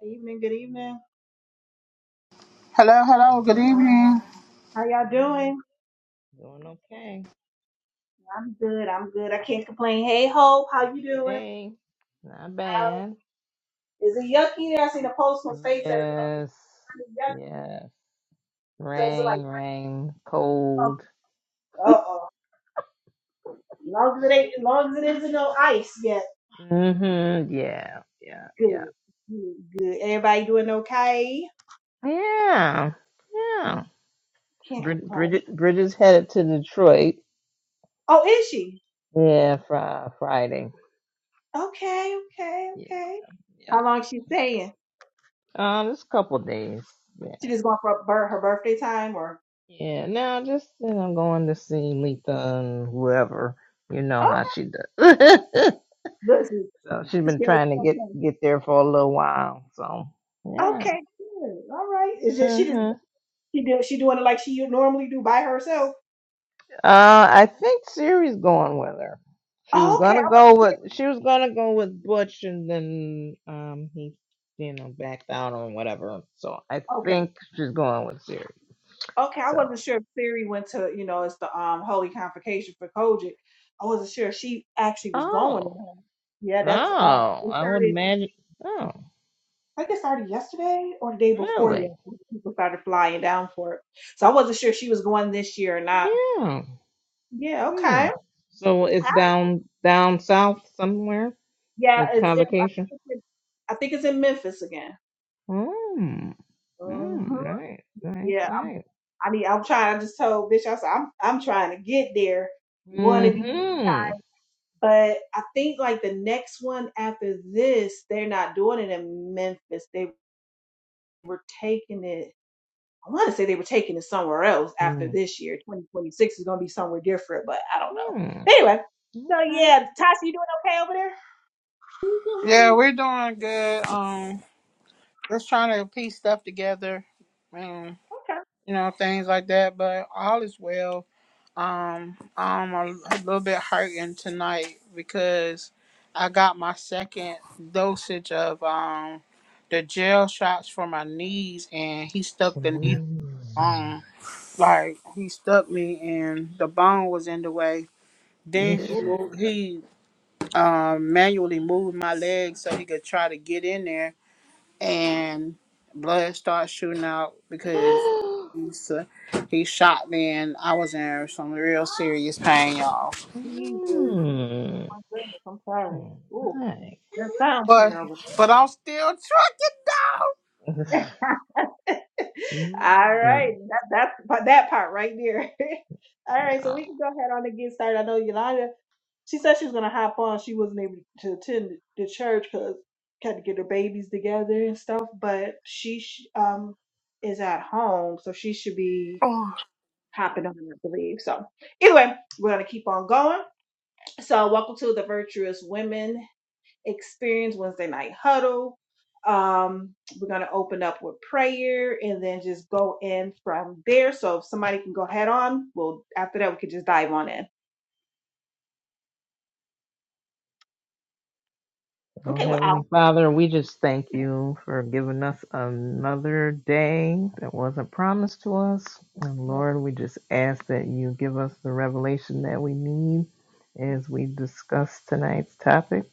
Good evening, good evening. Hello, hello, good Hello. evening. How y'all Hey, doing? doing okay. I'm good, I'm good. I can't complain. Hey Hope, how you doing? Hey, not How bad. is it yucky there? I seen a post on Facebook that it's Yes, kind of yucky. yes. So it's Rain, like rain, cold. uh oh. As Long as it ain't as long as it isn't no ice yet. Mm-hmm. Yeah, yeah, yeah, Good. Good. Good. Everybody doing okay? yeah, Me, yeah. Can't Brid- complain. Bridget, Bridget's headed to Detroit. Oh, is she? Yeah, fri- Friday. Okay, okay, Yeah, okay. yeah. How long she staying? Um, just a couple days. Yeah. She just going for a bir- her birthday time or Yeah, now just you know, going to see Letha and whoever. You know oh how she does. this so she's been is trying to get get there for a little while. So yeah. Okay, good. All right. Is it she hmm just Uh, she do, she doing it like she normally do by herself? I think Siri's going with her. She was Oh, okay, I gonna go wasn't sure. with she was gonna go with Butch, and then um he you know backed out on whatever. So I Okay, think she's going with Siri. okay, I So wasn't sure if Siri went to you know it's the um holy convocation for Kojic. I wasn't sure if she actually was going to oh him. Yeah, oh, that's um it I would started. imagine. Oh I think it started yesterday or the day before really? yesterday. People started flying down for it, so I wasn't sure if she was going this year or not. Yeah. Yeah, Hmm. okay. So it's down down south somewhere. Yeah, The it's in. I think convocation. it's in, I think it's in Memphis again. Hmm. Hmm. hmm Nice. Nice. Nice. I mean, I'm trying. I just told Bishop, I said, I'm I'm trying to get there one of these. Mm-hmm. But I think like the next one after this, they're not doing it in Memphis. They were taking it. I want to say they were taking it somewhere else after this year. 2026 is going to be somewhere different, but I don't know. Mm-hmm. anyway, so Okay. yeah, Tasha, you doing okay over there? Yeah, we're doing good. Um, just trying to piece stuff together, and Okay. you know things like that. But all is well. Um, I'm a, a little bit hurting tonight because I got my second dosage of um the gel shots for my knees, and he stuck the knee Mm. bone. Like he stuck me, and the bone was in the way. Then This. he Oh, moved. He um, manually moved my legs so he could try to get in there, and blood started shooting out because he, s- he shot me, and I was in some real serious pain, y'all. Jesus. mm. My goodness, I'm sorry. Oh, Oh, nice. that sounds But terrible. but I'm still trucking down. All Mm. right, that, that's but that part right there. All right, so Wow. we can go ahead on and get started. I know Yolanda, she said she was gonna hop on. She wasn't able to attend the church because had to get her babies together and stuff. But she sh- um is at home, so she should be Oh, hopping on, I believe. So anyway, we're gonna keep on going. So welcome to the Virtuous Women experience Wednesday night huddle. Um, we're going to open up with prayer and then just go in from there. So if somebody can go head on, well, after that, we could just dive on in. Oh, Okay, well, Heavenly I'll. Father, we just thank you for giving us another day that wasn't promised to us. And Lord, we just ask that you give us the revelation that we need as we discuss tonight's topic.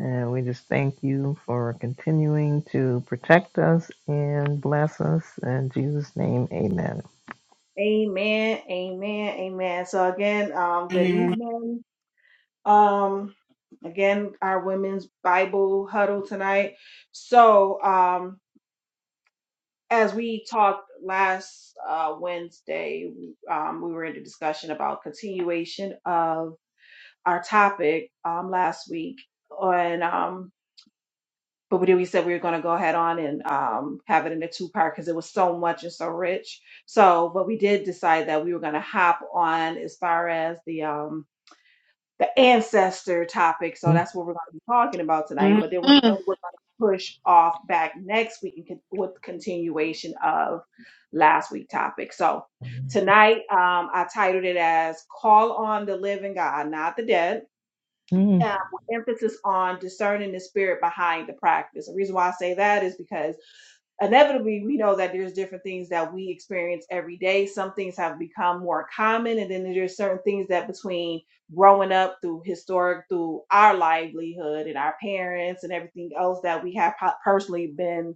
And we just thank you for continuing to protect us and bless us. In Jesus' name, amen. Amen, amen, amen. So again, um, and good then, evening. Um, again, our women's Bible huddle tonight. So, um, as we talked last uh, Wednesday, um, we were in the discussion about continuation of our topic um, last week on um, but we, did- we said we were going to go ahead on and um, have it in a two part because it was so much and so rich so but we did decide that we were going to hop on as far as the um the ancestor topic so Mhm. that's what we're going to be talking about tonight mm, but then we're, mm, we're going to push off back next week and con- with continuation of last week topic so tonight um i titled it as call on the living god not the dead hmm um, with emphasis on discerning the spirit behind the practice. The reason why I say that is because inevitably we know that there's different things that we experience every day some things have become more common and then there's certain things that between growing up through historic through our livelihood and our parents and everything else that we have po- personally been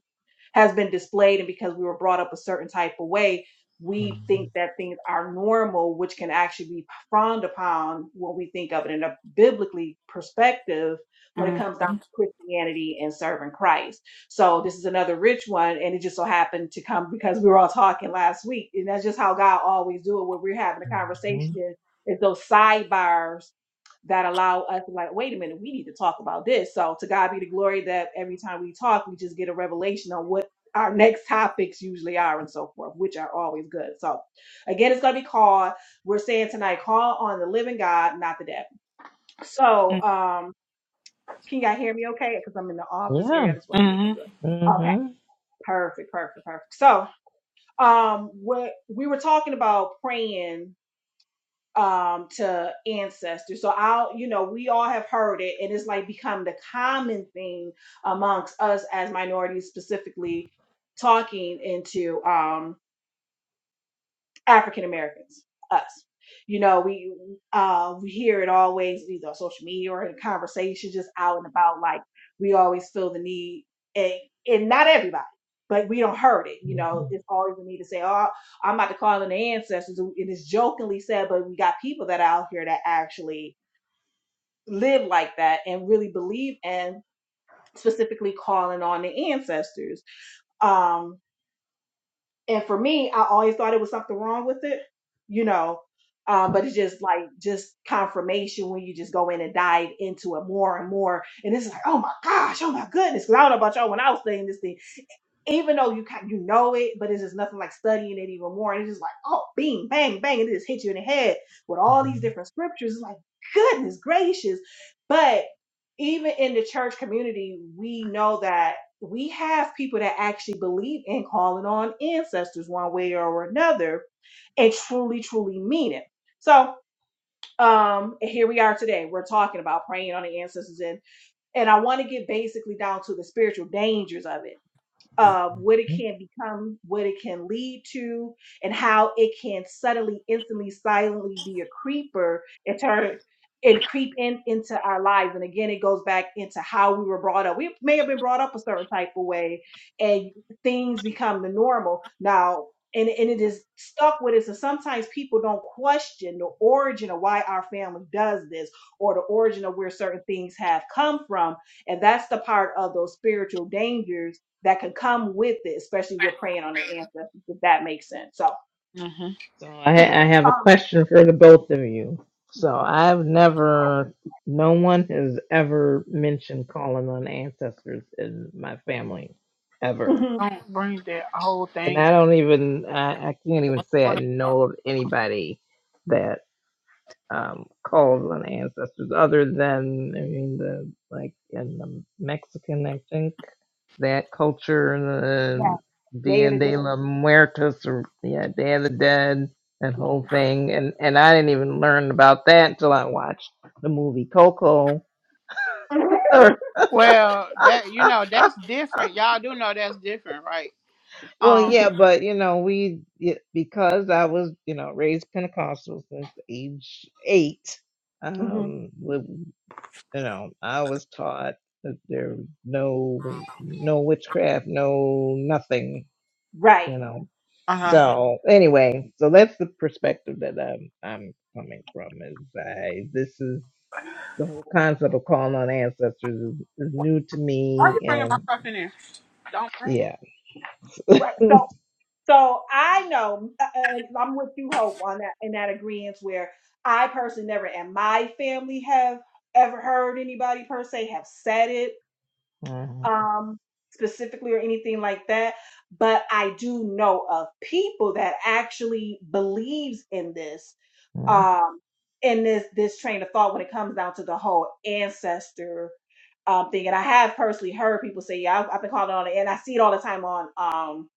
has been displayed and because we were brought up a certain type of way we hmm think that things are normal which can actually be frowned upon when we think of it in a biblically perspective when it mm, comes down mm, to christianity and serving christ so this is another rich one and it just so happened to come because we were all talking last week and that's just how god always do it when we're having a conversation is, is those sidebars that allow us to like, wait a minute, we need to talk about this. So to God be the glory that every time we talk, we just get a revelation on what our next topics usually are and so forth, which are always good. So again, it's gonna be called. We're saying tonight, call on the living God, not the dead. So mm, um can y'all hear me okay? Because I'm in the office area. Yeah. I just want to look mm, good. Okay. Mm-hmm. Perfect, perfect, perfect. So um what we were talking about praying um to ancestors so i'll you know we all have heard it and it's like become the common thing amongst us as minorities specifically talking into um African Americans, us. You know, we uh, we hear it always either on social media or in conversation, just out and about. Like we always feel the need, and, and not everybody, but we don't hurt it. You know, it's always the need to say, "Oh, I'm about to call in the ancestors," and it's jokingly said, but we got people that are out here that actually live like that and really believe and specifically calling on the ancestors. Um, and for me, I always thought it was something wrong with it, you know. Um, but it's just like just confirmation when you just go in and dive into it more and more, and it's like, oh my gosh, oh my goodness. Because I don't know about y'all, when I was saying this thing even though you kind you know it, but it's just nothing like studying it even more. And it's just like, oh, bing, bang, bang, and it just hits you in the head with all these Mm-hmm. different scriptures. It's like, goodness gracious. But even in the church community, we know that we have people that actually believe in calling on ancestors one way or another and truly, truly mean it. So um and here we are today. We're talking about praying on the ancestors and and I want to get basically down to the spiritual dangers of it of what it can become, what it can lead to, and how it can subtly, instantly, silently be a creeper and turn and creep in into our lives. And again, it goes back into how we were brought up. We may have been brought up a certain type of way, and things become the normal. Now, and, and it is stuck with it. So sometimes people don't question the origin of why our family does this or the origin of where certain things have come from. And that's the part of those spiritual dangers that could come with it, especially with praying on the ancestors, if that makes sense. So, mhm. So I, I have a question for the both of you. So I've never, no one has ever mentioned calling on ancestors in my family, ever. mhm, Don't bring that whole and thing. in I don't even I, I can't even say I order. know of anybody that um calls on ancestors other than I mean the like in the Mexican I think that culture yeah, the day Dia to day, de la Muertos or yeah Day of the Dead that yeah. whole thing and and I didn't even learn about that until I watched the movie Coco Mhm, or Well, that you know that's different. Y'all do know that's different, right? Well, Um. yeah, but you know, we y- because I was you know raised Pentecostal since age eight. mhm, Um, with, you know, I was taught that there no no witchcraft, no nothing. right, You know, Uh huh. so anyway, so that's the perspective that I'm I'm coming from. Is I this is the whole concept of calling on ancestors is, is new to Why are me, you bringing my and stuff in there? Don't bring it. yeah, right. So, so I know uh, uh, I'm with you, Hope, on that in that agreement where I personally never, and my family have ever heard anybody per se have said it Mhm, um, specifically or anything like that. But I do know of people that actually believes in this, mhm, um, in this this train of thought when it comes down to the whole ancestor um, thing. And I have personally heard people say, "Yeah, I've, I've been calling on it," and I see it all the time on. Um,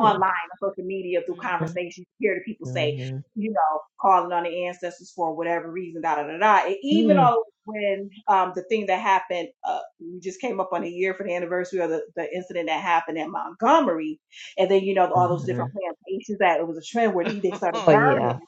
online on social media through conversations. You hear the people say, hmm you know, calling on the ancestors for whatever reason, da da da da. And even hmm all when um, the thing that happened, uh, we just came up on a year for the anniversary of the, the incident that happened in Montgomery, and then you know all those hmm different plantations that it was a trend where they, they started Oh burning. yeah.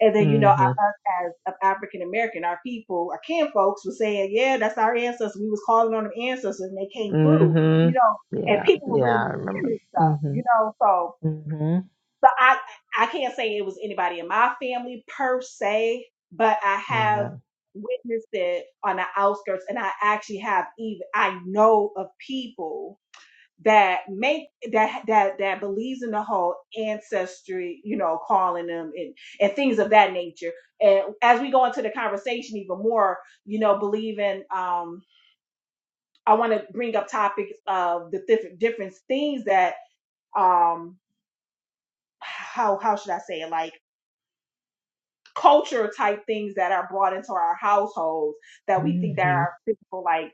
And then you know I- us Mhm. as um, African American, our people, our kin folks were saying, "Yeah, that's our ancestors. We was calling on them ancestors, and they came through." You Mhm. know, and Yeah. people were really Yeah. I looking remember. this stuff. Mhm. You know, so Mhm. so I I can't say it was anybody in my family per se, but I have Mhm. witnessed it on the outskirts, and I actually have even I know of people that make that that that believes in the whole ancestry, you know, calling them and and things of that nature. And as we go into the conversation even more, you know, believing um I want to bring up topics of the different different things that um how how should I say it like culture type things that are brought into our households that we think that Mhm. are physical like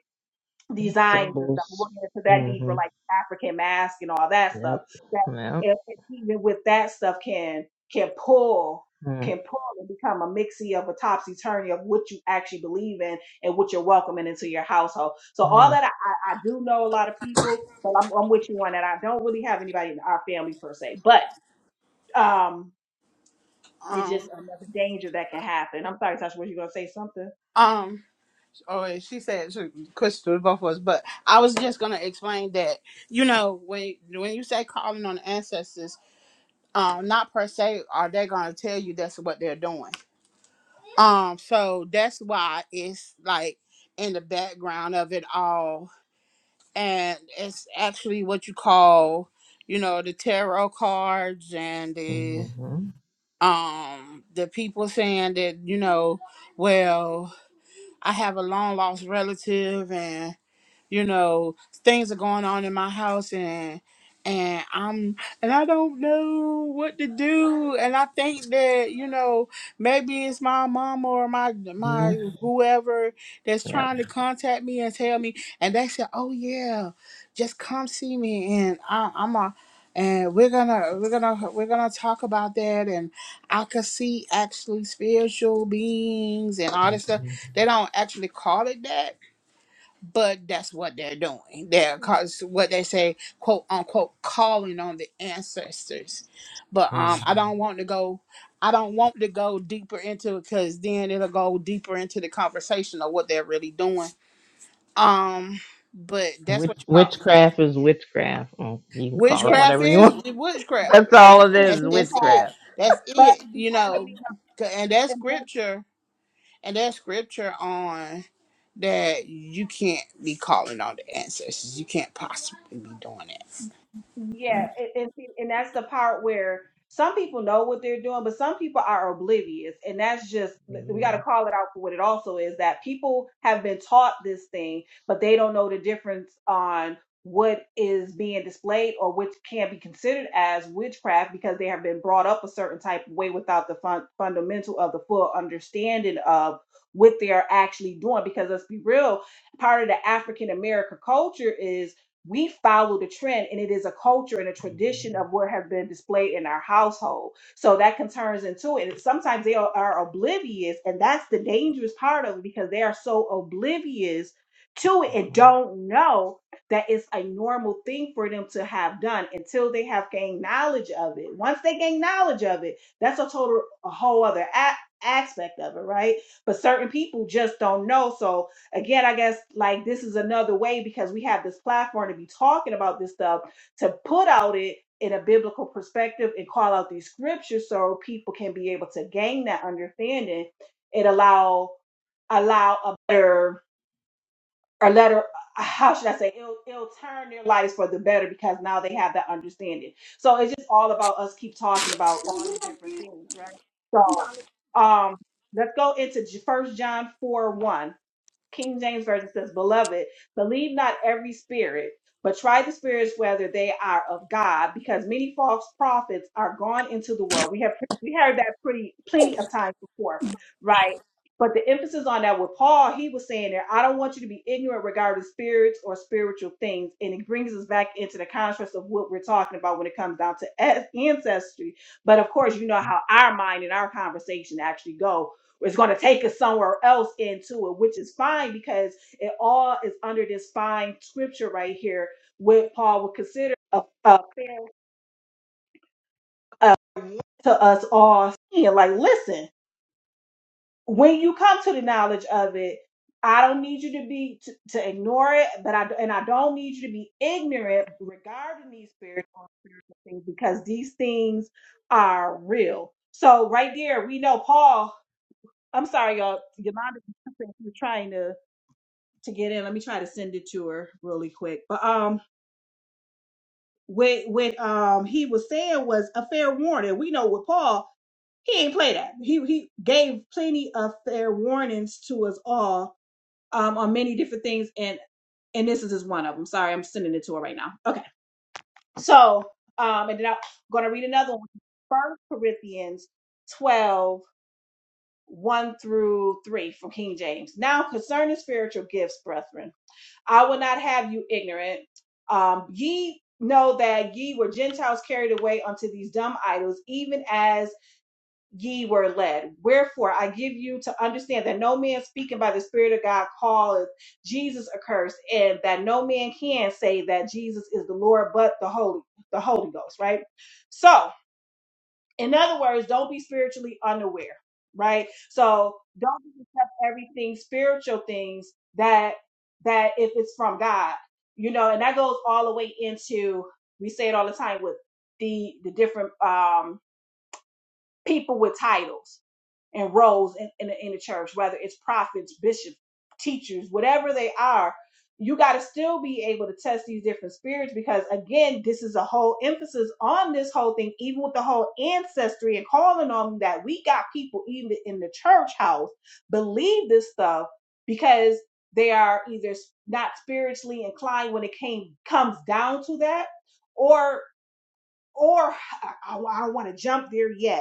designs and stuff. We'll Symbols. get into that deeper, Mhm. like African mask and all that stuff. Yep. That Yep. and even with that stuff can can pull Mhm. can pull and become a mixie of a topsy turvy of what you actually believe in and what you're welcoming into your household. So all that I, I, I do know a lot of people, but I'm, I'm with you on that. I don't really have anybody in our family per se, but um it's just Um, another danger that can happen. I'm sorry, Tasha, were you gonna say something? um. Oh, wait, she said she- Crystal, both of us. But I was just gonna explain that. You know, when when you say calling on the ancestors, um, not per se are they gonna tell you that's what they're doing. Um, so that's why it's like in the background of it all, and it's actually what you call, you know, the tarot cards and the Mhm. um the people saying that you know well I have a long lost relative and you know things are going on in my house and and i'm and i don't know what to do and i think that you know maybe it's my mom or my my Mhm. whoever that's Yep. trying to contact me and tell me and they said oh yeah just come see me and I, i'm a and we're gonna we're gonna we're gonna talk about that and i could see actually spiritual beings and all this stuff Mhm. they don't actually call it that but that's what they're doing They're because what they Yep. say quote unquote calling on the ancestors but um Mm. i don't want to go i don't want to go deeper into it because then it'll go deeper into the conversation of what they're really doing um but that's Witch- what you call it. witchcraft is witchcraft. Mm, You can call Yeah, it witchcraft whatever you is want. we witchcraft That's all and it should that's is. be that's sad, it Witchcraft. that's but it you because know, we know, and that and but scripture and that scripture on. that you can't be calling on the ancestors. You can't possibly be doing that. Yeah, Mm-hmm. and, and see, and that's the part where some people know what they're doing, but some people are oblivious, and that's just we got to Mm-hmm. call it out for what it also is that people have been taught this thing, but they don't know the difference on what is being displayed or which can be considered as witchcraft because they have been brought up a certain type of way without the fun- fundamental of the full understanding of what they are actually doing because let's be real part of the african american culture is we follow the trend and it is a culture and a tradition of what has been displayed in our household so that can turns into it and sometimes they are, are oblivious and that's the dangerous part of it because they are so oblivious to it and Mm-hmm. don't know that it's a normal thing for them to have done until they have gained knowledge of it once they gain knowledge of it that's a total a whole other a- aspect of it right but certain people just don't know so again, I guess like this is another way because we have this platform to be talking about this stuff to put out it in a biblical perspective and call out these scriptures so people can be able to gain that understanding and allow allow a better or letter how should I say it'll it'll turn their lives for the better because now they have that understanding. So it's just all about us keep talking about all these different things, right? So um let's go into first John 4 1. King James Version says, Beloved, believe not every spirit, but try the spirits whether they are of God, because many false prophets are gone into the world. We have we heard that pretty plenty of times before, right? But the emphasis on that with Paul, he was saying there, I don't want you to be ignorant regarding spirits or spiritual things. And it brings us back into the contrast of what we're talking about when it comes down to an- ancestry. But of course, you know how our mind and our conversation actually go it's going to take us somewhere else into it, which is fine because it all is under this fine scripture right here, what Paul would consider a, a fair a to us all saying, like, listen, when you come to the knowledge of it, I don't need you to be to, to ignore it, but I and I don't need you to be ignorant regarding these spiritual spiritual things because these things are real. So right there, we know Paul. I'm sorry, y'all. Yolanda, was trying to. to get in. Let me try to send it to her really quick. But um, when when um he was saying was a fair warning. We know with Paul, he ain't play that. He he gave plenty of fair warnings to us all um on many different things, and and this is just one of them. Sorry, I'm sending it to her right now. Okay, so um, and then I'm gonna read another one. First Corinthians twelve one through 3 from King James. Now concerning spiritual gifts, brethren. I will not have you ignorant. Um, ye know that ye were Gentiles carried away unto these dumb idols, even as ye were led. Wherefore I give you to understand that no man speaking by the Spirit of God calleth Jesus accursed, and that no man can say that Jesus is the Lord but the Holy, the Holy Ghost, right? So in other words, don't be spiritually unaware, right? So don't just accept everything spiritual things that that if it's from God, you know, and that goes all the way into we say it all the time with the the different um people with titles and roles in, in, the, in the church, whether it's prophets, bishops, teachers, whatever they are, you got to still be able to test these different spirits because, again, this is a whole emphasis on this whole thing, even with the whole ancestry and calling on them, that. We got people, even in the church house, believe this stuff because they are either s- not spiritually inclined when it came comes down to that or or I, I, I don't want to jump there yet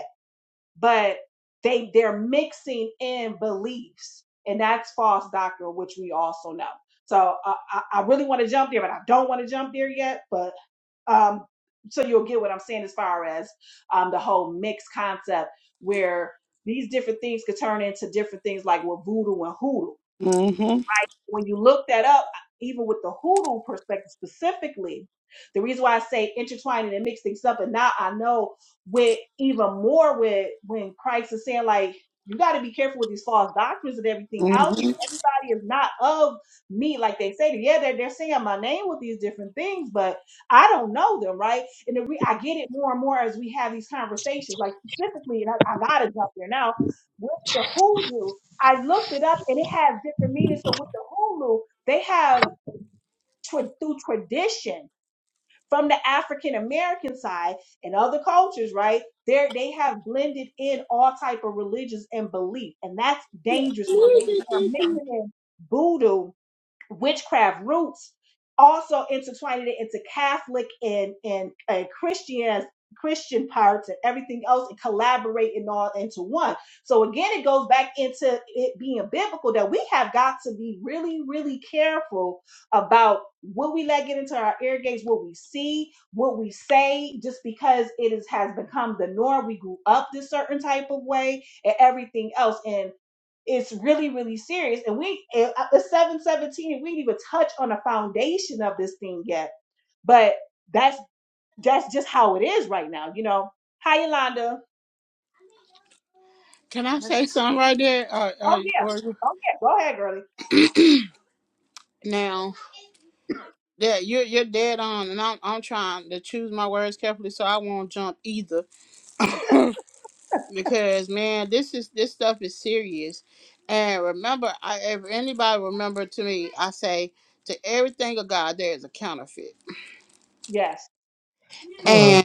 but they they're mixing in beliefs and that's false doctrine which we also know so uh, I, I really want to jump there but i don't want to jump there yet but um so you'll get what i'm saying as far as um the whole mixed concept where these different things could turn into different things like with voodoo and hoodoo Mm-hmm. when you look that up, even with the hoodoo perspective specifically, the reason why I say intertwining and mix things up, and now I know with even more with when Christ is saying like, you got to be careful with these false doctrines and everything out here. Mm-hmm. Everybody is not of me, like they say. Yeah, they're, they're saying my name with these different things, but I don't know them, right? And the re- I get it more and more as we have these conversations, like specifically, and I, I got to jump there now with the hoodoo. I looked it up and it has different meanings. So with the Hulu, they have tra- through tradition from the African American side and other cultures, right? They they have blended in all type of religions and belief, and that's dangerous when they are mixing in voodoo witchcraft roots also intertwined it into Catholic and and, and Christian Christian parts and everything else and collaborating all into one. So again, it goes back into it being biblical that we have got to be really, really careful about what we let get into our ear gates, what we see, what we say, just because it is has become the norm. We grew up this certain type of way and everything else. and. It's really, really serious. And we, it- uh, the 717, we didn't even touch on the foundation of this thing yet. But that's that's just how it is right now. You know, hi, Yolanda. Can I That's- say something right there? Or, Oh, yeah. or, or Oh, yeah. Go ahead, girlie. now yeah, you're you're dead on, and I'm I'm trying to choose my words carefully so I won't jump either, because man, this is this stuff is serious. And remember, I, if anybody remember to me, I say to everything of God there is a counterfeit, Yes. Uh,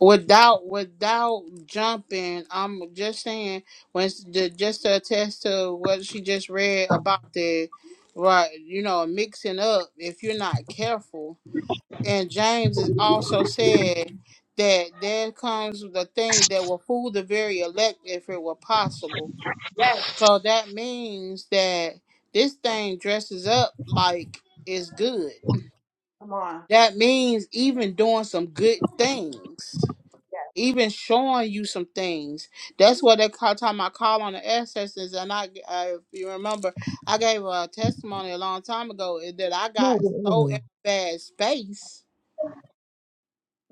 without without jumping i'm just saying when the, just to attest to what she just read about the right you know mixing up if you're not careful and james is also said that there comes the thing that will fool the very elect if it were possible Yes. so that means that this thing dresses up like it's good Come on. that means even doing some good things Yes. even showing you some things. That's what they call time I call on the ancestors. And I, uh, if you remember, I gave a testimony a long time ago is that I no, no, got so in a uh, bad space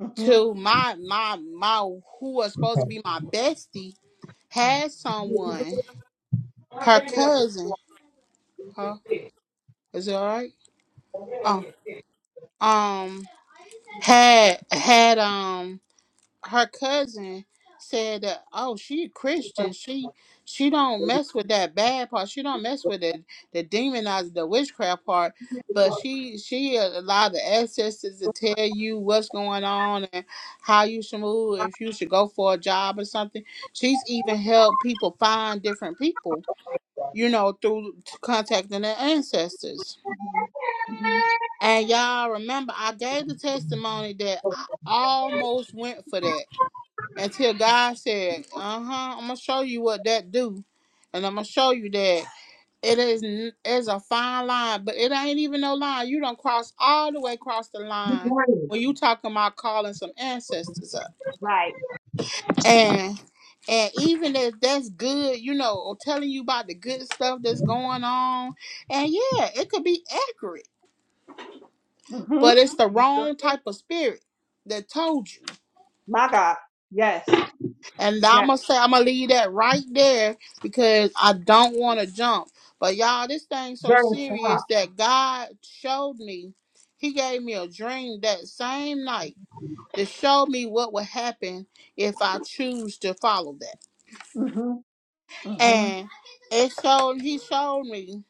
hmm to my my my who was supposed to okay. be my bestie had someone her cousin. Huh? Is it all right? Oh, um, had had um. her cousin said that oh she a christian she she don't mess with that bad part she don't mess with the the demonized the witchcraft part but she she allowed the ancestors to tell you what's going on and how you should move if you should go for a job or something she's even helped people find different people you know through contacting their ancestors hmm hmm and y'all remember i gave the testimony that i almost went for that until God said, "Uh huh, I'm gonna show you what that do, and I'm gonna show you that it is n- it's a fine line, but it ain't even no line. You don't cross all the way across the Good line morning. when you talking about calling some ancestors up, Right. and and even if that's good, you know, or telling you about the good stuff that's going on, and yeah, it could be accurate, hmm but it's the You sure wrong can. type of spirit that told you." My God. Yes. And I'm Yes. gonna say I'm gonna leave that right there because I don't want to jump. But y'all, this thing's so Johnny, serious stop. that God showed me. He gave me a dream that same night to show me what would happen if I choose to follow that. hmm hmm And it showed. He showed me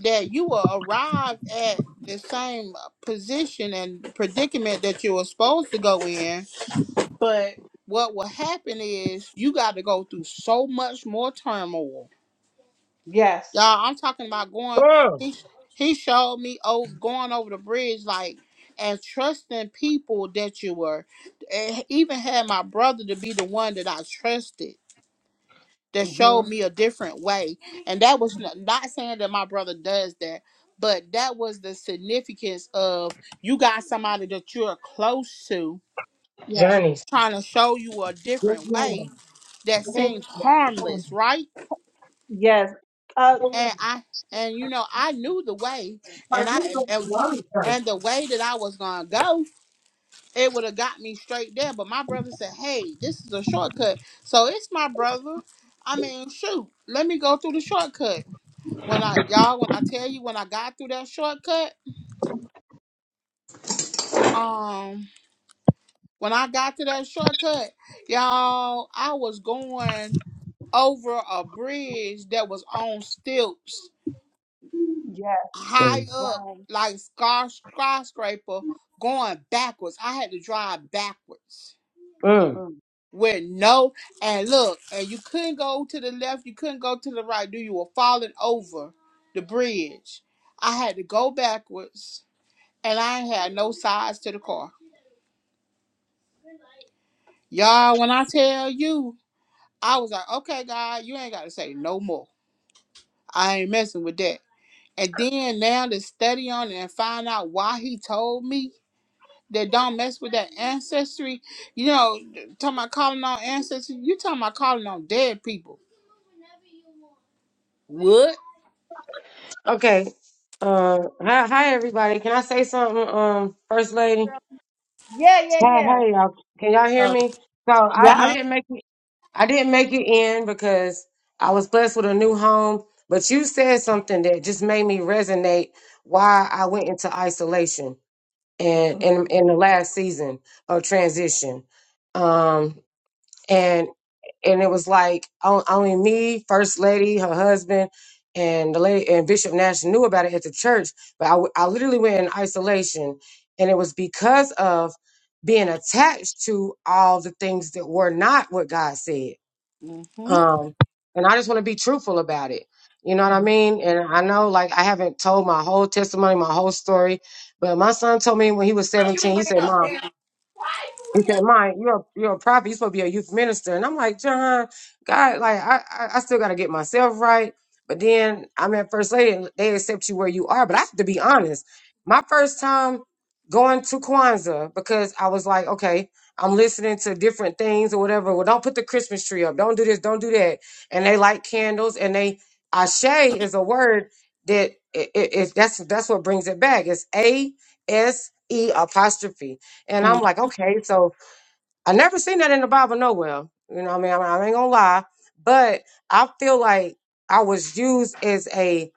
that you will arrive at the same position and predicament that you were supposed to go in but what will happen is you got to go through so much more turmoil. Yes. Y'all, I'm talking about going. Uh, He he showed me oh going over the bridge like and trusting people that you were. And even had my brother to be the one that I trusted that hmm showed me a different way. And that was not, not saying that my brother does that, but that was the significance of you got somebody that you're close to Yes. Johnny. trying to show you a Yes, different way ma'am. that Thank seems you. Oh, harmless, right? Yes. Uh, oh, And I and you know I knew the way, my and I goodness, and, Johnny, sorry. and the way that I was gonna go, it would have got me straight there. But my brother said, "Hey, this is a shortcut." So it's my brother. I mean, shoot, let me go through the shortcut. When I y'all, when I tell you, when I got through that shortcut, um, when I got to that shortcut, y'all, I was going over a bridge that was on stilts yes. high Mm. up Wow. like scar skyscraper going backwards. I had to drive backwards Mm. Mm. with no and look, and you couldn't go to the left, you couldn't go to the right, dude. You were falling over the bridge. I had to go backwards and I ain't had no sides to the car. Y'all, when I tell you, I was like, okay, God, you ain't gotta say no more. I ain't messing with that. And then now to study on it and find out why he told me. that don't mess with that ancestry. You know, talking about calling on ancestry. You talking about calling on dead people? What? Okay. Uh, hi, hi, everybody. Can I say something, um, First Lady? Yeah, yeah, Hey, yeah. hey, y'all. Can y'all hear Uh me? So Yeah. I, I huh. didn't make it. I didn't make it in because I was blessed with a new home. But you said something that just made me resonate why I went into isolation and Mhm, in in the last season of transition um and and it was like on- only me first lady her husband and the lady and bishop nash knew about it at the church but i, w- I literally went in isolation and it was because of being attached to all the things that were not what god said Mm-hmm. um, and I just want to be truthful about it. You know what I mhm. mean? And I know, like, I haven't told my whole testimony, my whole story, but my son told me when he was 17, he said, Mom, he said, "Mike, you're a, you're a prophet. You're supposed to be a youth minister." And I'm like, "John, God, like I I, I still got to get myself right." But then I'm at First Lady, and they accept you where you are. But I have to be honest. My first time going to Kwanzaa because I was like, "Okay, I'm listening to different things or whatever." Well, don't put the Christmas tree up. Don't do this. Don't do that. And they light candles, and they ashe is a word that it, it, it, that's that's what brings it back. It's a s e apostrophe and Mm-hmm. I'm like, okay, so I never seen that in the Bible nowhere. You know, what I mean, I, I ain't gonna lie, but I feel like I was used as a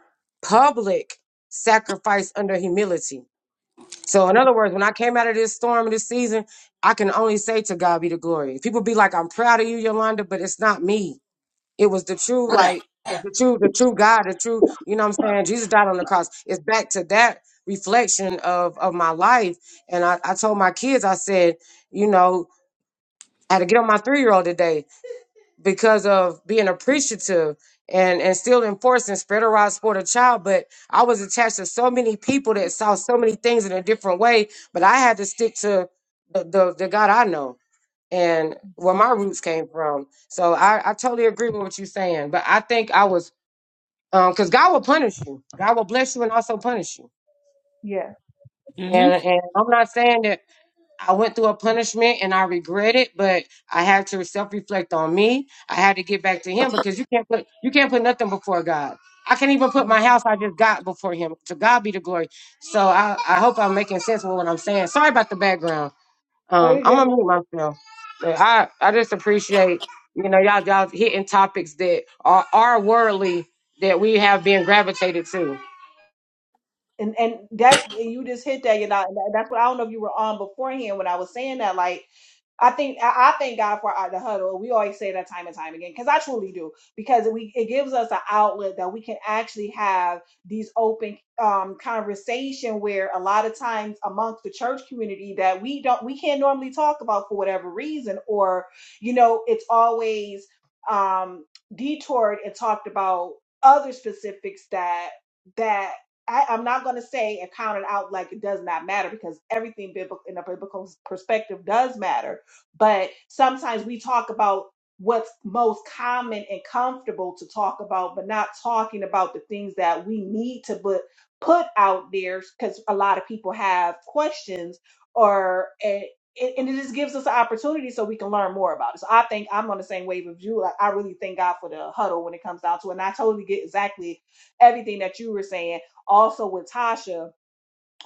public sacrifice under humility. So, in other words, when I came out of this storm and this season, I can only say to God be the glory. People be like, I'm proud of you, Yolanda, but it's not me. It was the true, like the true, the true God, the true, you know what I'm saying? Jesus died on the cross. It's back to that reflection of of my life. And I, I told my kids, I said, you know, I had to get on my three year old today because of being appreciative and and still enforcing spread around sport a child. But I was attached to so many people that saw so many things in a different way. But I had to stick to the the, the God I know and where my roots came from. So I, I totally agree with what you're saying. But I think I was um because God will punish you. God will bless you and also punish you. Yeah. Mm-hmm. And and I'm not saying that I went through a punishment and I regret it, but I had to self reflect on me. I had to get back to him because you can't put you can't put nothing before God. I can't even put my Amen. house I just got before him. To God be the glory. So I, I hope I'm making sense with what I'm saying. Sorry about the background. Oh, Um, you I'm gonna good. mute myself. But I I just appreciate you know y'all y'all hitting topics that are are worldly that we have been gravitated to. And and that's and you just hit that, you know. and that- That's what I don't know if you were on beforehand when I was saying that. like. I think I I thank God for our, the huddle. We always say that time and time again because I truly do because we it gives us an outlet that we can actually have these open um, conversation where a lot of times amongst the church community that we don't we can't normally talk about for whatever reason or you know it's always um, detoured and talked about other specifics that that I, I'm not going to say and count it out like it does not matter because everything biblical in a biblical perspective does matter but sometimes we talk about what's most common and comfortable to talk about but not talking about the things that we need to put put out there because a lot of people have questions or and, and it just gives us an opportunity so we can learn more about it so i think i'm on the same wave of you like i really thank god for the huddle when it comes down to it and i totally get exactly everything that you were saying also with tasha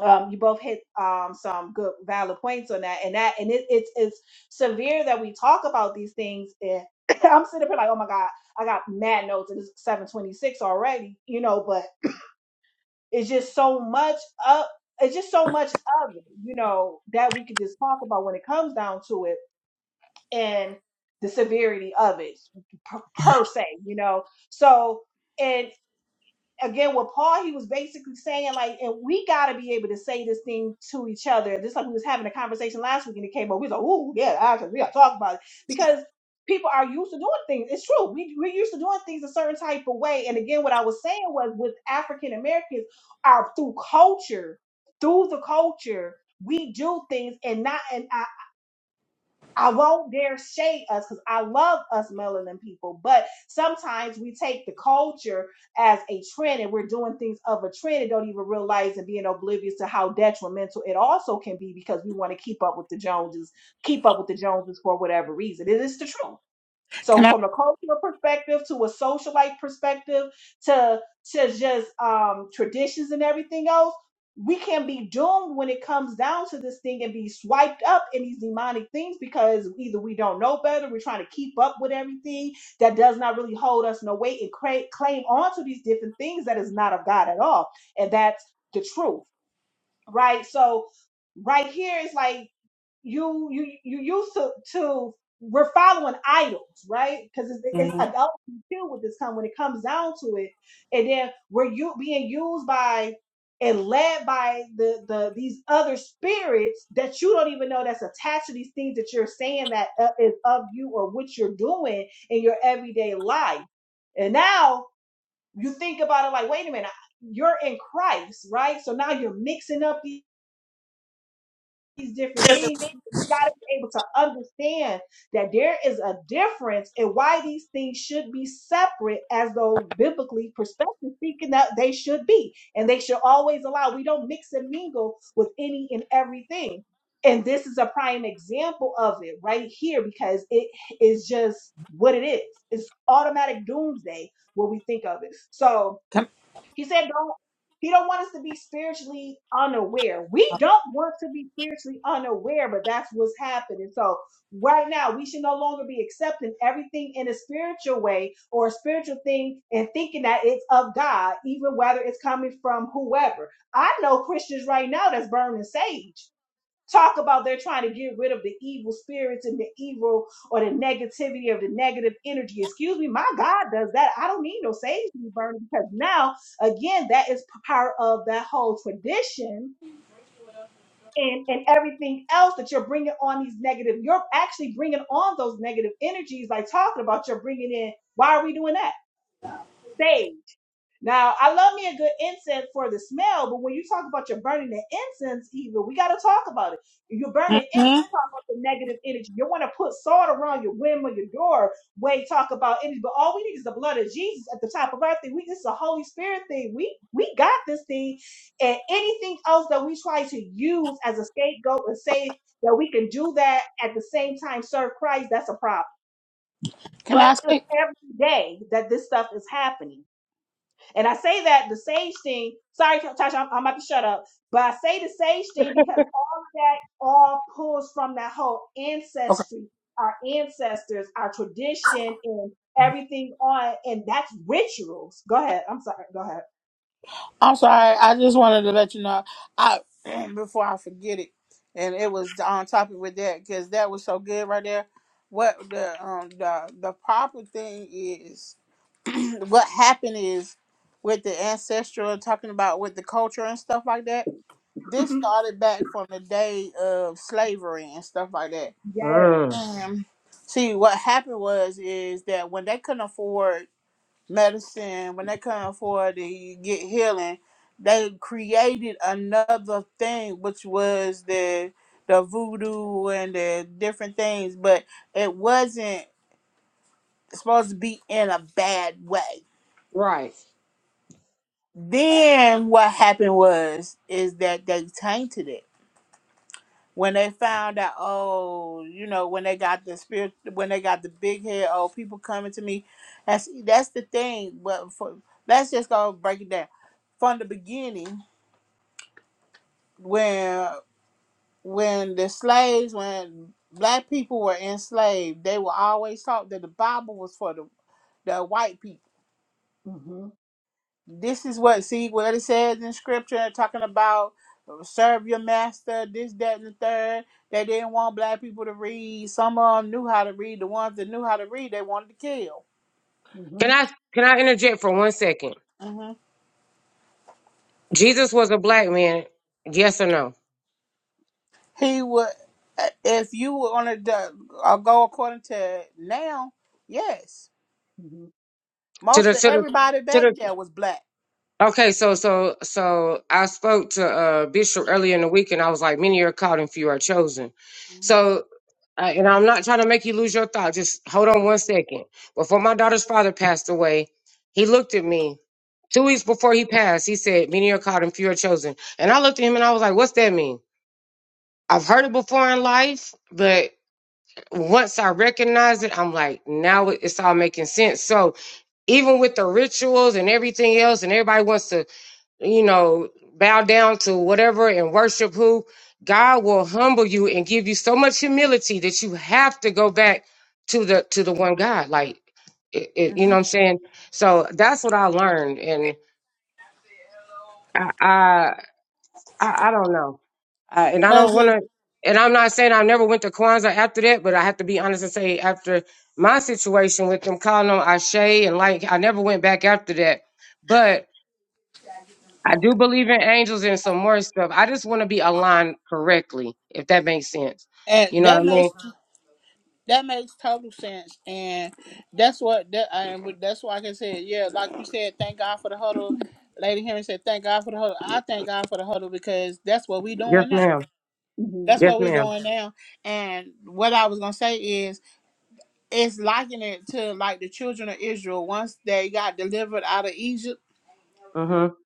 um, you both hit um, some good valid points on that and that and it, it's it's severe that we talk about these things and i'm sitting up here like oh my god i got mad notes and it's 726 already you know but it's just so much up it's just so much of it you know that we could just talk about when it comes down to it and the severity of it per, per se you know so again with Paul, he was basically saying like, and we got to be able to say this thing to each other. Just like we was having a conversation last week, and it came up. We was like, "Ooh, yeah, actually, we got to talk about it," because people are used to doing things. It's true. We we're used to doing things a certain type of way. And again, what I was saying was with African Americans, are through culture, through the culture. We do things and not and. I won't dare shade us because I love us melanin people, but sometimes we take the culture as a trend and we're doing things of a trend and don't even realize and being oblivious to how detrimental it also can be because we want to keep up with the Joneses, keep up with the Joneses for whatever reason. It is the truth. Can So I? from a cultural perspective to a socialite perspective to to just um traditions and everything else, we can be doomed when it comes down to this thing and be swiped up in these demonic things because either we don't know better, we're trying to keep up with everything that does not really hold us no weight and cra- claim onto these different things that is not of God at all. And that's the truth right? So right here is like you you you used to to we're following idols, right? Because it's, it's mhm. adult deal with this come when it comes down to it, and then we're you being used by and led by the the these other spirits that you don't even know that's attached to these things that you're saying that uh, is of you or what you're doing in your everyday life, and now you think about it like, wait a minute, you're in Christ, right? So now you're mixing up these these different things, you got to be able to understand that there is a difference and why these things should be separate, as though biblically perspective speaking, that they should be, and they should always allow. We don't mix and mingle with any and everything. And this is a prime example of it right here because it is just what it is. It's automatic doomsday when we think of it. So, Can, he said, "Don't." He don't want us to be spiritually unaware. We don't want to be spiritually unaware, but that's what's happening. So right now, we should no longer be accepting everything in a spiritual way or a spiritual thing and thinking that it's of God, even whether it's coming from whoever. I know Christians right now that's burning sage talk about they're trying to get rid of the evil spirits and the evil or the negativity of the negative energy. Excuse me, my God does that. I don't need no sage to be burning because now, again, that is part of that whole tradition and, and everything else that you're bringing on these negative. You're actually bringing on those negative energies, like talking about you're bringing in. Why are we doing that? Sage. Now, I love me a good incense for the smell, but when you talk about you're burning the incense, even we got to talk about it. If You're burning mhm. incense, talk about the negative energy. You want to put salt around your window, your door, way talk about energy. But all we need is the blood of Jesus at the top of our thing. We this is a Holy Spirit thing. We we got this thing, and anything else that we try to use as a scapegoat and say that we can do that at the same time serve Christ, that's a problem. Can But I it's say? every day that this stuff is happening. And I say that the sage thing, sorry, Tasha, I'm, I'm about to shut up, but I say the sage thing because all of that all pulls from that whole Okay. ancestry, our ancestors, our tradition, and everything on, and that's rituals. Go ahead. I'm sorry. Go ahead. I'm sorry. I just wanted to let you know. I before I forget it, and it was on topic with that because that was so good right there. What the um the the proper thing is what happened is with the ancestral talking about with the culture and stuff like that. This started back from the day of slavery and stuff like that. yes. Mm, And see, what happened was is that when they couldn't afford medicine, when they couldn't afford to get healing, they created another thing, which was the the voodoo and the different things, but it wasn't supposed to be in a bad way right? Then what happened was is that they tainted it when they found out. Oh, you know when they got the spirit, when they got the big head. Oh, people coming to me. That's that's the thing. But for, let's just go break it down from the beginning when when the slaves when black people were enslaved they were always taught that the bible was for the, the white people Mm-hmm. This is what see what it says in scripture talking about uh, serve your master, this, that, and the third. They didn't want black people to read. Some of them knew how to read. The ones that knew how to read, they wanted to kill. Can Mm-hmm. I can I interject for one second? hmm Jesus was a black man. Yes or no? He would, eh, if you were on a uh, go according to now, yes, To most the of to the everybody to back the there was black. Okay, so so so I spoke to uh Bishop earlier in the week and I was like, many are called and few are chosen. hmm So uh, and I'm not trying to make you lose your thought. Just hold on one second. Before my daughter's father passed away, he looked at me. Two weeks before he passed, he said, Many are called and few are chosen. And I looked at him and I was like, What's that mean? I've heard it before in life, but once I recognize it, I'm like, now it- it's all making sense. So even with the rituals and everything else, and everybody wants to you know, bow down to whatever and worship who, God will humble you and give you so much humility that you have to go back to the to the one God. Like, it, it, you know what I'm saying? So that's what I learned, and I I, I I don't know, uh, and I don't hmm want to. And I'm not saying I never went to Kwanzaa after that, but I have to be honest and say after my situation with them calling on Ashe and like I never went back after that. But I do believe in angels and some more stuff. I just want to be aligned correctly, if that makes sense. And You know what that I Mm-hmm. mean? makes That makes total sense, and that's what that and that's why like I can say, yeah, like you said, thank God for the huddle. Mm-hmm. Lady Henry said, thank God for the huddle. I thank God for the huddle because that's what we Yes, doing now. ma'am. Mm-hmm. That's Yes, what we're ma'am. doing now. And what I was gonna say is, it's liking it to like the children of Israel once they got delivered out of Egypt, Mm-hmm.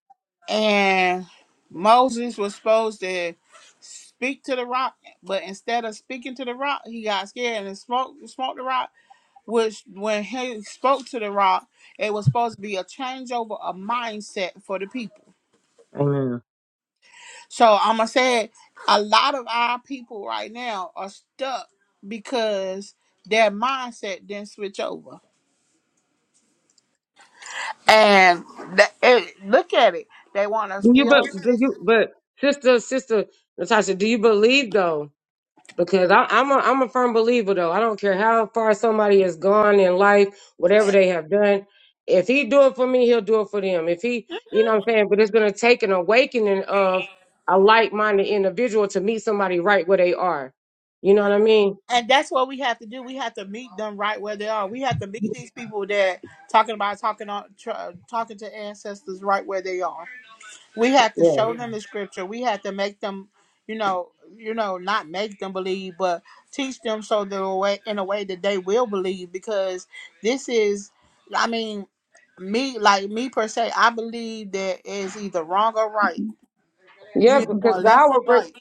and Moses was supposed to speak to the rock, but instead of speaking to the rock, he got scared and smoked smoked the rock which when he spoke to the rock, it was supposed to be a changeover of mindset for the people. Amen. So I'm gonna say it, a lot of our people right now are stuck because their mindset didn't switch over. And th- it, look at it, they want to Do you still but do stick. you but sister sister Natasha? Do you believe though? because I, I'm a I'm a firm believer though. I don't care how far somebody has gone in life, whatever they have done. If he do it for me, he'll do it for them. If he, you know what I'm saying, but it's going to take an awakening of a like-minded individual to meet somebody right where they are. You know what I mean? And that's what we have to do. We have to meet them right where they are. We have to meet these people that talking about talking on tr- talking to ancestors right where they are. We have to Yeah. show Yeah. them the scripture. We have to make them, you know, you know, not make them believe, but teach them so the way in a way that they will believe. Because this is, I mean, me like me per se, I believe that is either wrong or right. Mm-hmm. You Yeah, either Mm-hmm. because want God left or will bring right.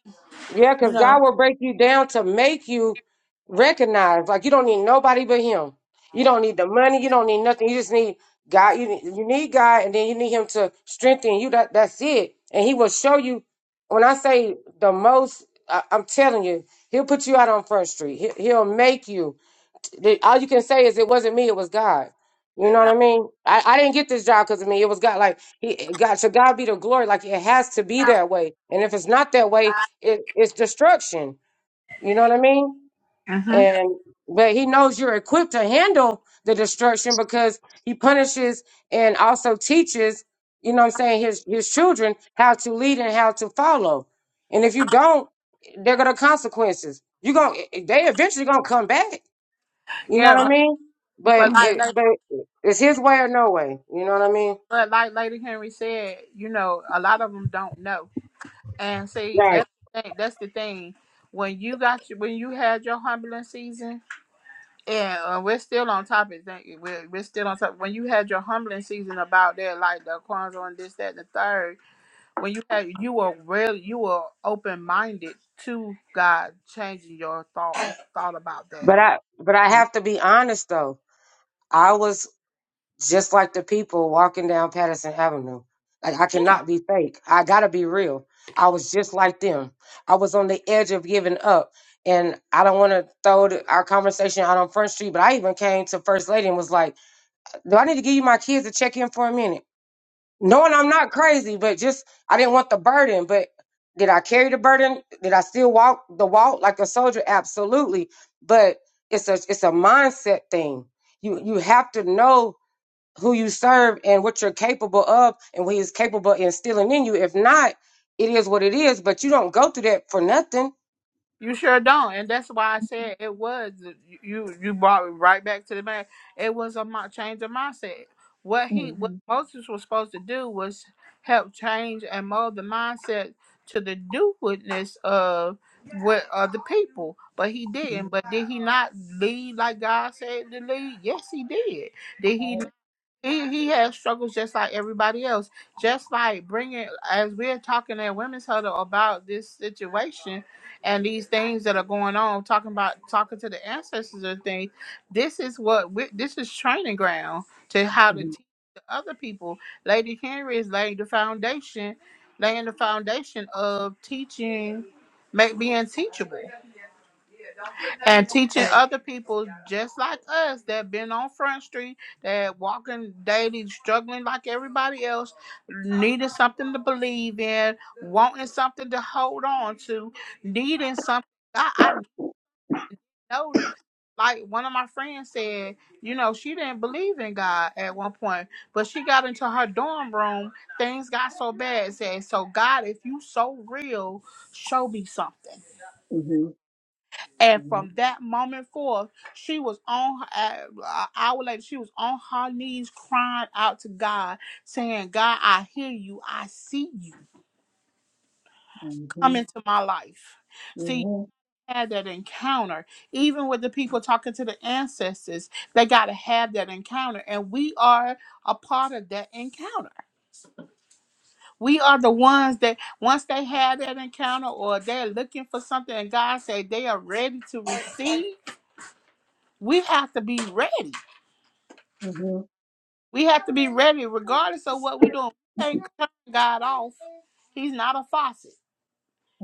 Yeah, You because know. God will break you down to make you recognize. Like you don't need nobody but Him. You don't need the money. You don't need nothing. You just need God. You need, you need God, and then you need Him to strengthen you. That that's it. And He will show you. When I say the most, I, I'm telling you, He'll put you out on First Street. He, he'll make you the, all you can say is it wasn't me, it was God. You know what I mean? I, I didn't get this job because of me. It was God. Like he, God, to God be the glory. Like it has to be that way. And if it's not that way, it, it's destruction. You know what I mean? And but He knows you're equipped to handle the destruction because He punishes and also teaches. You know what I'm saying? His His children how to lead and how to follow. And if you don't, they're gonna consequences. You gonna they eventually gonna come back. You know Yeah, what I but, mean? But but like it, Lady, but it's his way or no way. You know what I mean? but like Lady Henry said, you know, a lot of them don't know. And see, Right. that's the thing, that's the thing. When you got your, when you had your humbling season And uh, we're still on topic. Thank you. We're, we're still on topic. When you had your humbling season about that, like the Kwanzaa and this, that, and the third, when you had, you were really, you were open minded to God changing your thought thought about that. But I, but I have to be honest though. I was just like the people walking down Patterson Avenue. Like I cannot be fake. I gotta be real. I was just like them. I was on the edge of giving up. And I don't want to throw the, our conversation out on Front Street, but I even came to First Lady and was like, "Do I need to give you my kids to check in for a minute?" knowing I'm not crazy, but just I didn't want the burden. But did I carry the burden? Did I still walk the walk like a soldier? Absolutely. But it's a it's a mindset thing. You you have to know who you serve and what you're capable of and what he's capable of instilling in you. If not, it is what it is, but you don't go through that for nothing. You sure don't, and that's why I said it was uh, you. You brought it right back to the man. It was a mi- change of mindset. What he, what Mm-hmm. Moses was supposed to do was help change and mold the mindset to the do witness of what other people. But he didn't. But did he not lead like God said to lead? Yes, he did. Did he he he has struggles just like everybody else. Just like bringing, as we're talking at Women's Huddle about this situation and these things that are going on, talking about talking to the ancestors and things. This is what we, this is training ground to how to Mm-hmm. teach the other people. Lady Henry is laying the foundation, laying the foundation of teaching, make being teachable and teaching other people just like us that been on front street that walking daily struggling like everybody else needing something to believe in wanting something to hold on to needing something i, I Mm-hmm. know like one of my friends said you know she didn't believe in god at one point but she got into her dorm room things got so bad said so god if you so real show me something Mm-hmm. And from that moment forth, she was on her, uh, an hour later, she was on her knees crying out to God, saying, God, I hear you. I see you. Come Mm-hmm. into my life. See, you Mm-hmm. had that encounter. Even with the people talking to the ancestors, they got to have that encounter. And we are a part of that encounter. We are the ones that, once they had that encounter or they're looking for something and God say they are ready to receive, we have to be ready Mm-hmm. We have to be ready regardless of what we doing. We can't turn God off. He's not a faucet.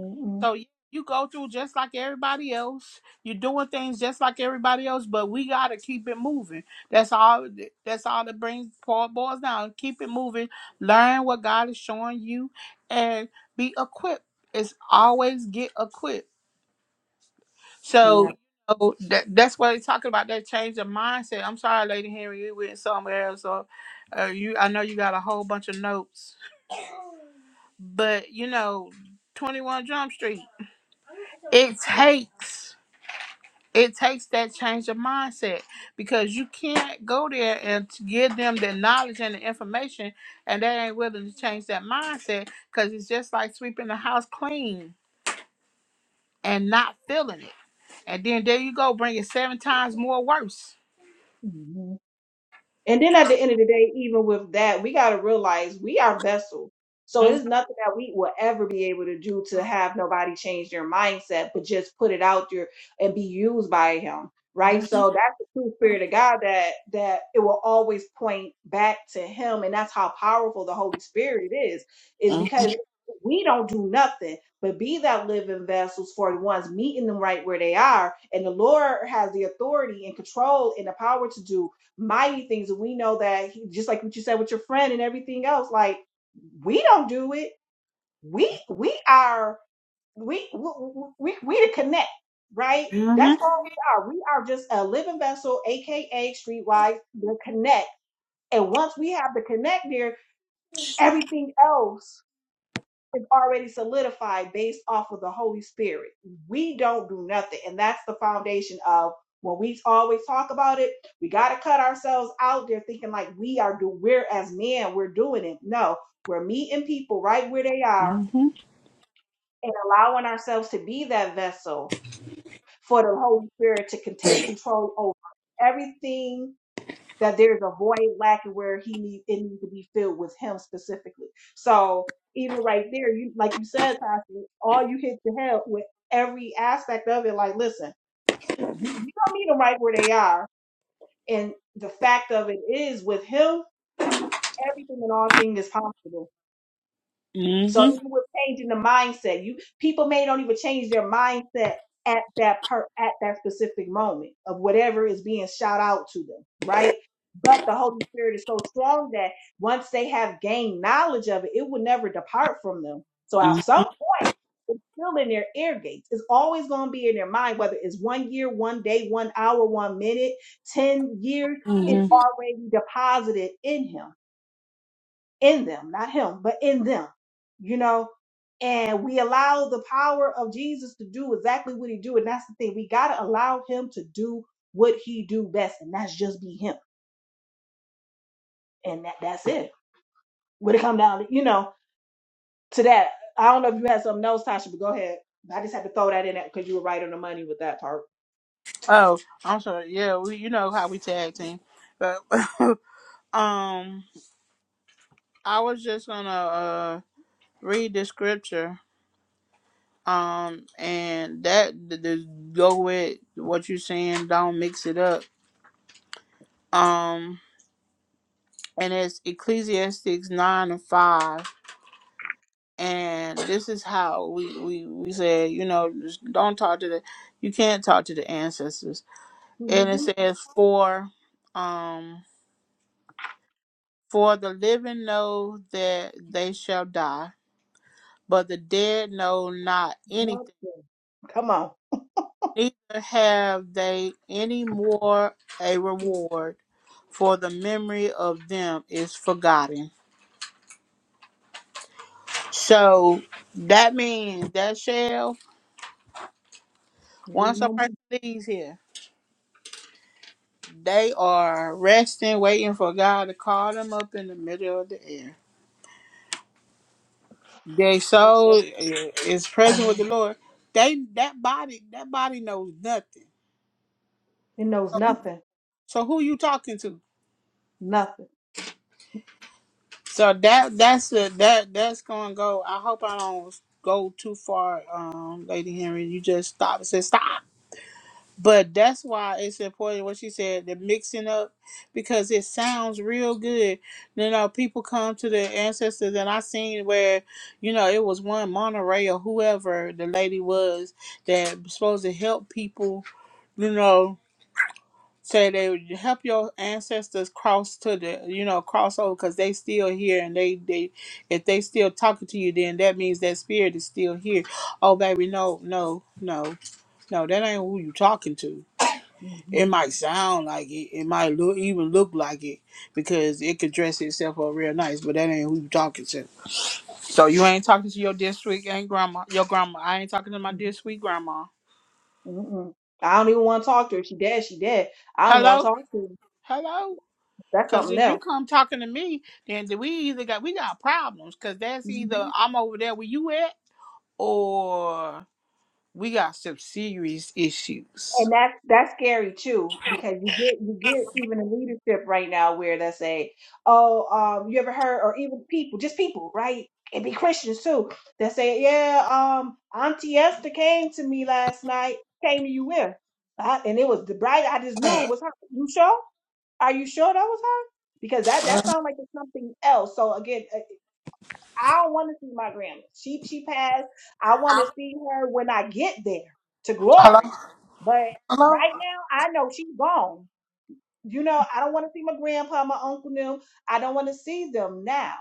Mm-hmm. So you you go through just like everybody else. You're doing things just like everybody else, but we gotta keep it moving. That's all that's all that brings Paul boils down. Keep it moving. Learn what God is showing you and be equipped. It's always get equipped. So you know, that, that's what they're talking about. That change of mindset. I'm sorry, Lady Henry, you went somewhere else. Or, uh, you, I know you got a whole bunch of notes, but you know, 21 Jump Street. It takes it takes that change of mindset because you can't go there and t- give them the knowledge and the information, and they ain't willing to change that mindset because it's just like sweeping the house clean and not feeling it, and then there you go, bringing seven times more worse. Mm-hmm. And then at the end of the day, even with that, we got to realize we are vessels. So it is nothing that we will ever be able to do to have nobody change their mindset, but just put it out there and be used by him. Mm-hmm. Right. So that's the true spirit of God that that it will always point back to him. And that's how powerful the Holy Spirit is, is Mhm. because we don't do nothing but be that living vessels for the ones meeting them right where they are. And the Lord has the authority and control and the power to do mighty things. And we know that he, just like what you said with your friend and everything else, like we don't do it. We we are we we we, we to connect, right? That's Mhm. all we are. We are just a living vessel, aka streetwise, the connect. And once we have the connect there, everything else is already solidified based off of the Holy Spirit. We don't do nothing. And that's the foundation of when we always talk about it, we got to cut ourselves out there thinking like we are do we're as men, we're doing it. No, we're meeting people right where they are and allowing ourselves to be that vessel for the Holy Spirit to can take control over everything that there's a void lacking where he needs it needs to be filled with him specifically. So even right there, you like you said, Tasha, all you hit the head with every aspect of it. Like, listen, we, we don't need them right where they are. And the fact of it is, with him, everything and all things is possible. So Mhm. even with changing the mindset, you people may don't even change their mindset at that per at that specific moment of whatever is being shout out to them, right? But the Holy Spirit is so strong that once they have gained knowledge of it, it will never depart from them. So at some Mhm. point, it's still in their ear gates. It's always going to be in their mind, whether it's one year, one day, one hour, one minute, 10 years, it's Mhm. already deposited in him in them, not him, but in them, you know. And we allow the power of Jesus to do exactly what he do, and that's the thing. We gotta allow him to do what he do best, and that's just be him, and that that's it. When it come down, to, you know, to that, I don't know if you had something else, Tasha, but go ahead. I just had to throw that in there because you were right on the money with that part. Oh, I'm sorry. Yeah, we you know how we tag team. But um I was just gonna uh read the scripture. Um and that th- th- go with what you're saying, don't mix it up. Um and it's Ecclesiastes nine and five. And this is how we, we, we said, you know, just don't talk to the you can't talk to the ancestors and it Mm-hmm. says for um for the living know that they shall die but the dead know not anything Nothing. Come on. neither have they any more a reward for the memory of them is forgotten so that means that shall It is once a no person leaves here they are resting waiting for god to call them up in the middle of the air Their more. soul i- is present with the Lord. They that body that body knows nothing. It knows nothing. So who you talking to? Nothing. So that that's the that that's gonna go. I hope I don't go too far, um, Lady Henry. You just stop and say stop. But that's why it's important what she said, the mixing up, because it sounds real good. You know, people come to the ancestors and I seen where, you know, it was one Monterey or whoever the lady was that was supposed to help people you know, say they would help your ancestors cross to the, you know, cross over because they still here and they, they, if they still talking to you, then that means that spirit is still here. Oh, baby, no, no, no, no, that ain't who you talking to. hmm It might sound like it, it might look even look like it because it could dress itself up real nice, but that ain't who you talking to. So you ain't talking to your district, ain't grandma, your grandma. I ain't talking to my hmm dear sweet grandma. Mm-mm. I don't even want to talk to her. She dead. She dead. I don't even want to Hello, talk to her. hello. That's Cause something if you else. come talking to me, then we either got we got problems. Cause that's Mm-hmm. either I'm over there where you at, or we got some serious issues. and that's that's scary too because you get you get even in leadership right now where they say oh um you ever heard or even people just people right it be christians too that say yeah um auntie esther came to me last night came to you with I, and it was the bride i just knew it was her you sure are you sure that was her because that that sounds like it's something else so again uh, I don't want to see my grandma. She she passed. I want to see her when I get there to Hello? glory. But Hello? right now, I know she's gone. You know, I don't want to see my grandpa, my uncle, them. I don't want to see them now.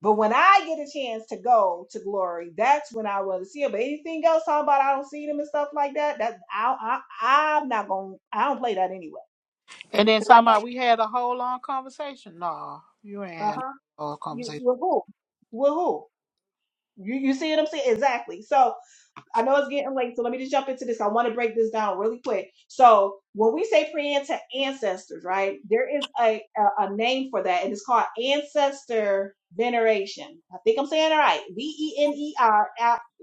But when I get a chance to go to glory, that's when I want to see them. But anything else, talking about I don't see them and stuff like that, that I, I I'm not gonna. I don't play that anyway And then because I somehow know. we had a whole long conversation. No, you ain't Uh had a huh. whole You conversation. with who? With who? You you see what I'm saying? Exactly. So I know it's getting late, so let me just jump into this. I want to break this down really quick. So when we say pre-ante ancestors, right? There is a, a a name for that, and it's called ancestor veneration. I think I'm saying it right. V e n e r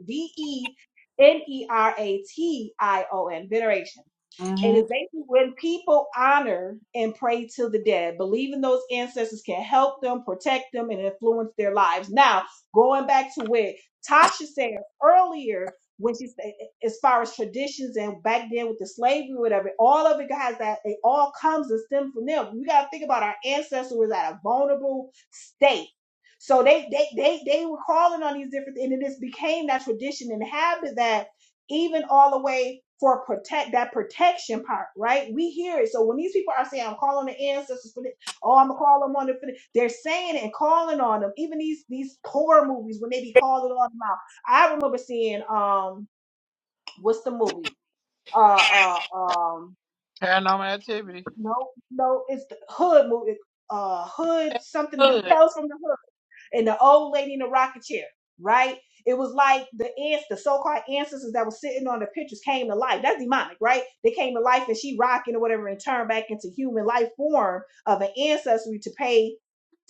v e n e r a t i o n veneration. hmm it's basically when people honor and pray to the dead, believing those ancestors can help them, protect them, and influence their lives. Now, going back to what Tasha said earlier when she's as far as traditions and back then with the slavery, whatever, all of it has that it all comes and stem from them. We gotta think about our ancestors was at a vulnerable state. So they they they they were calling on these different and it just became that tradition and habit that even all the way for protect that protection part, right? We hear it. So when these people are saying, I'm calling the ancestors for this, oh, I'm gonna call them on the for this," they're saying it and calling on them. Even these these horror movies when they be calling on them out I remember seeing um what's the movie? Uh uh um Paranormal activity. no no it's the hood movie uh hood something the Good. tales from the hood and the old lady in the rocking chair, right? It was like the ants, the so-called ancestors that were sitting on the pictures came to life. That's demonic, right? They came to life and she rocking or whatever and turned back into human life form of an ancestry to pay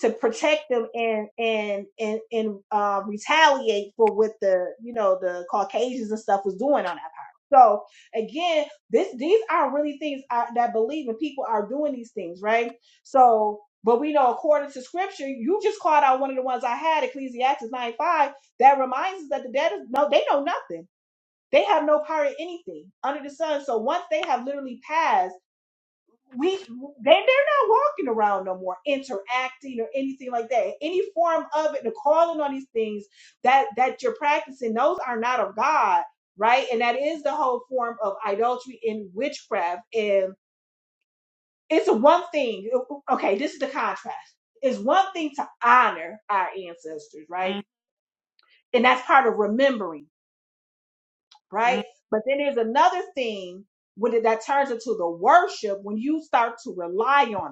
to protect them and and and and uh, retaliate for what the you know the Caucasians and stuff was doing on that power. So again, this these are really things I, that I believe and people are doing these things, right? So but we know according to scripture, you just called out one of the ones I had, Ecclesiastes 9 5, that reminds us that the dead is no, they know nothing. They have no power in anything under the sun. So once they have literally passed, we they, they're not walking around no more, interacting or anything like that. Any form of it, the calling on these things that that you're practicing, those are not of God, right? And that is the whole form of idolatry and witchcraft. and it's one thing okay this is the contrast it's one thing to honor our ancestors right and that's part of remembering right Mm-hmm. but then there's another thing when it, that turns into the worship when you start to rely on them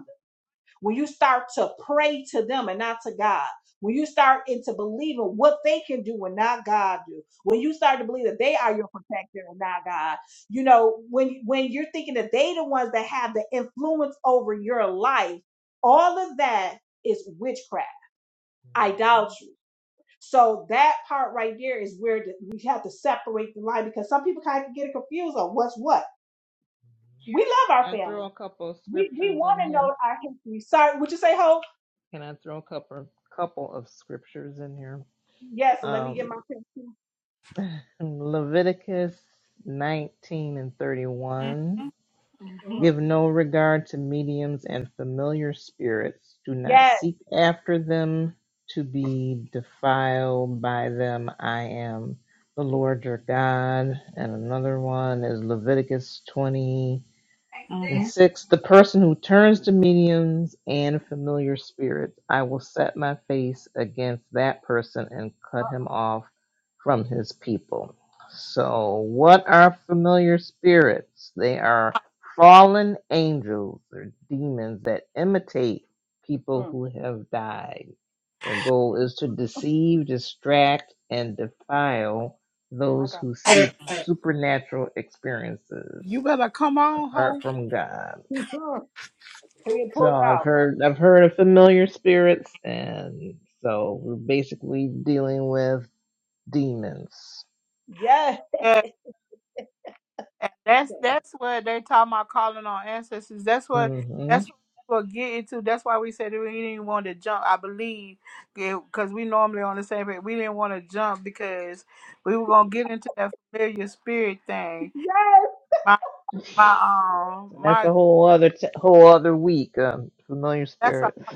when you start to pray to them and not to God, when you start into believing what they can do and not God do, when you start to believe that they are your protector and not God, you know, when when you're thinking that they the ones that have the influence over your life, all of that is witchcraft, Mhm. idolatry. So that part right there is where the, we have to separate the line because some people kind of get it confused on what's what. We love mhm. our Can I family. throw a couple of We we scriptures want in to know here? our history. Sorry, would you say, Hope? Can I throw a couple couple of scriptures in here? Yes, let me Um, get my pen. too. Leviticus 19 and Mm-hmm. 31. Mm. Give no regard to mediums and familiar spirits. Do not Yes. seek after them to be defiled by them. I am the Lord your God. And another one is Leviticus 20. And Mm-hmm. six, the person who turns to mediums and familiar spirits, I will set my face against that person and cut him off from his people. So, what are familiar spirits? They are fallen angels or demons that imitate people Mm. who have died. Their goal is to deceive, distract, and defile My those God. who seek supernatural You experiences better come on, apart ho. from God. Can you pull So it I've out? heard I've heard of familiar spirits, and so we're basically dealing with demons. Yes. And that's that's what they're talking about calling on ancestors. That's what hmm that's what we get into. That's why we said we didn't want to jump. I believe because we normally on the same page. We didn't want to jump because we were gonna get into that familiar spirit thing. Yes. My my um that's my a whole other t- whole other week. Um, familiar that's a spirits.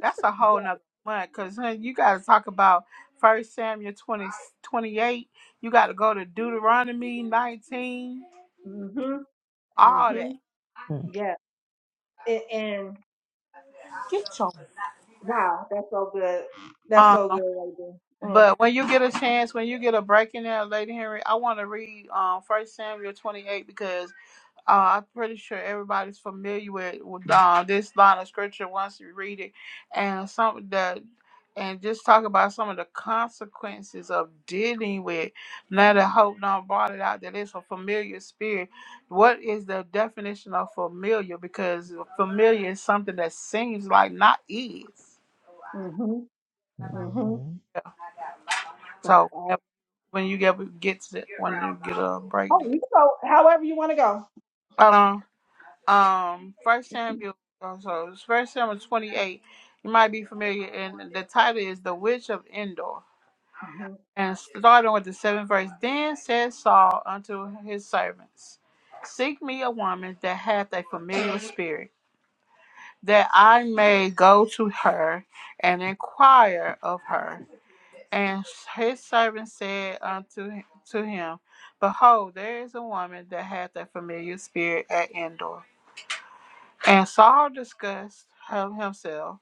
that's a whole Yes. nother month because you got to talk about First Samuel 20 28. You got to go to Deuteronomy nineteen. Mhm. All that. Mhm. Mm-hmm. Yes. And, and Get your wow, that's so good. That's so good right there. Mm. But when you get a chance, when you get a break in there, Lady Henry, I want to read um First Samuel twenty eight because uh, I'm pretty sure everybody's familiar with, with uh, this line of scripture once you read it, and some the and just talk about some of the consequences of dealing with. Now that Hope Don brought it out that it's a familiar spirit. What is the definition of familiar? Because familiar is something that seems like not is. Mhm. Mhm. That's So all. when you get get to that when you get a break. Oh, you can go however you want to go. Hold on. Um, First Samuel. oh, So it's First Samuel twenty-eight. You might be familiar, and the title is "The Witch of Endor." Mhm. And starting with the seventh verse, then said Saul unto his servants, Seek me a woman that hath a familiar spirit, that I may go to her and inquire of her. And his servant said unto him, to him, Behold, there is a woman that hath a familiar spirit at Endor. And Saul discussed him himself,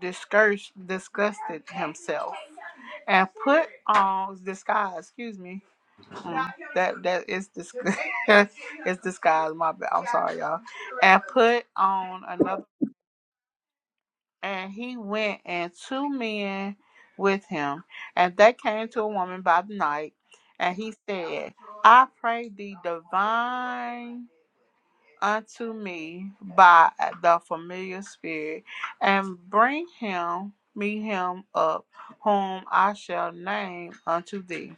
discursed, disgusted himself, and put on disguise. Excuse me, Mm, that that is disguise. it's disguise. My bad. I'm sorry, y'all. And put on another. And he went and two men with him, and they came to a woman by the night, and he said, I pray thee divine unto me by the familiar spirit, and bring him me him up, whom I shall name unto thee.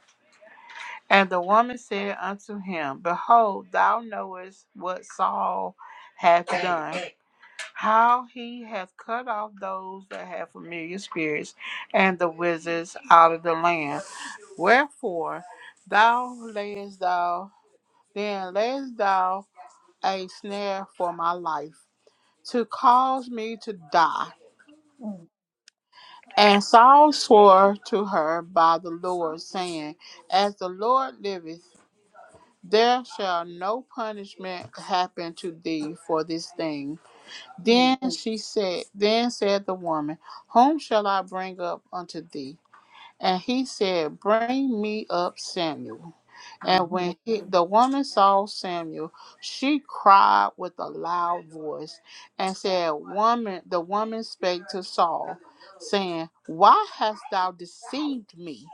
And the woman said unto him, Behold, thou knowest what Saul hath done how he hath cut off those that have familiar spirits and the wizards out of the land. Wherefore thou layest thou then layest thou a snare for my life to cause me to die. Mm. And Saul swore to her by the Lord, saying, As the Lord liveth, there shall no punishment happen to thee for this thing Mm. Then she said, Then said the woman, Whom shall I bring up unto thee? And he said, Bring me up Samuel. And Mhm. when he, the woman saw Samuel, she cried with a loud voice and said, Woman, the woman spake to Saul, saying, Why hast thou deceived me?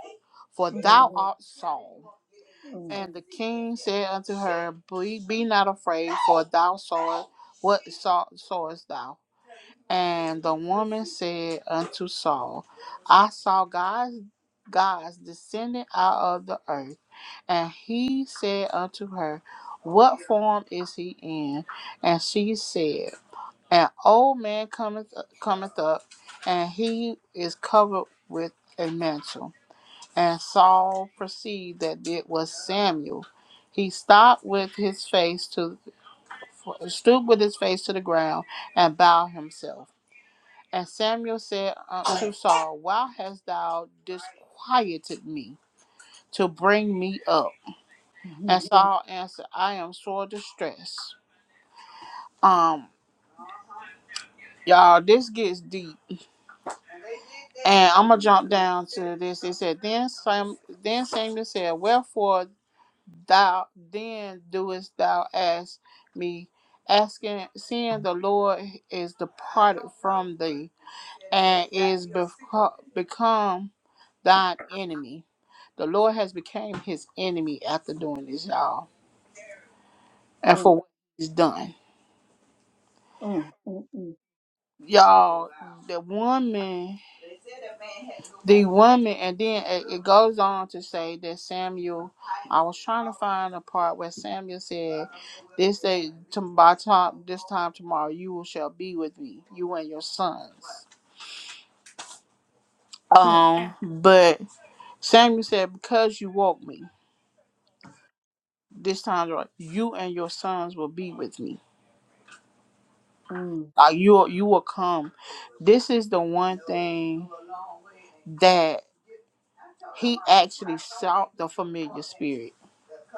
For Mhm. thou art Saul. Mm. And the king said unto her, Be, be not afraid, for thou sawest what saw, sawest thou and the woman said unto Saul, I saw God's, God's descending out of the earth. And he said unto her, What form is he in? And she said, An old man cometh, cometh up, and he is covered with a mantle. And Saul perceived that it was Samuel. He stopped with his face to stooped with his face to the ground and bowed himself. And Samuel said unto Saul, Why hast thou disquieted me to bring me up? And Mhm. Saul answered, I am sore distressed. Um, y'all, this gets deep. And I'm gonna jump down to this. It said, Then Sam then Samuel said, Wherefore thou then doest thou ask me, asking seeing the Lord is departed from thee and is beco- become thine enemy. The Lord has become his enemy after doing this, y'all. And for Mm. what he's done. Mm. Mm. Y'all, the woman, the woman, and then it, it goes on to say that Samuel, I was trying to find a part where Samuel said, This day, to, by time, this time tomorrow, you will shall be with me, you and your sons. Um, but Samuel said, Because you woke me, this time, you and your sons will be with me. Mm. Mm. Uh, you you will come. This is the one thing that he actually sought the familiar spirit.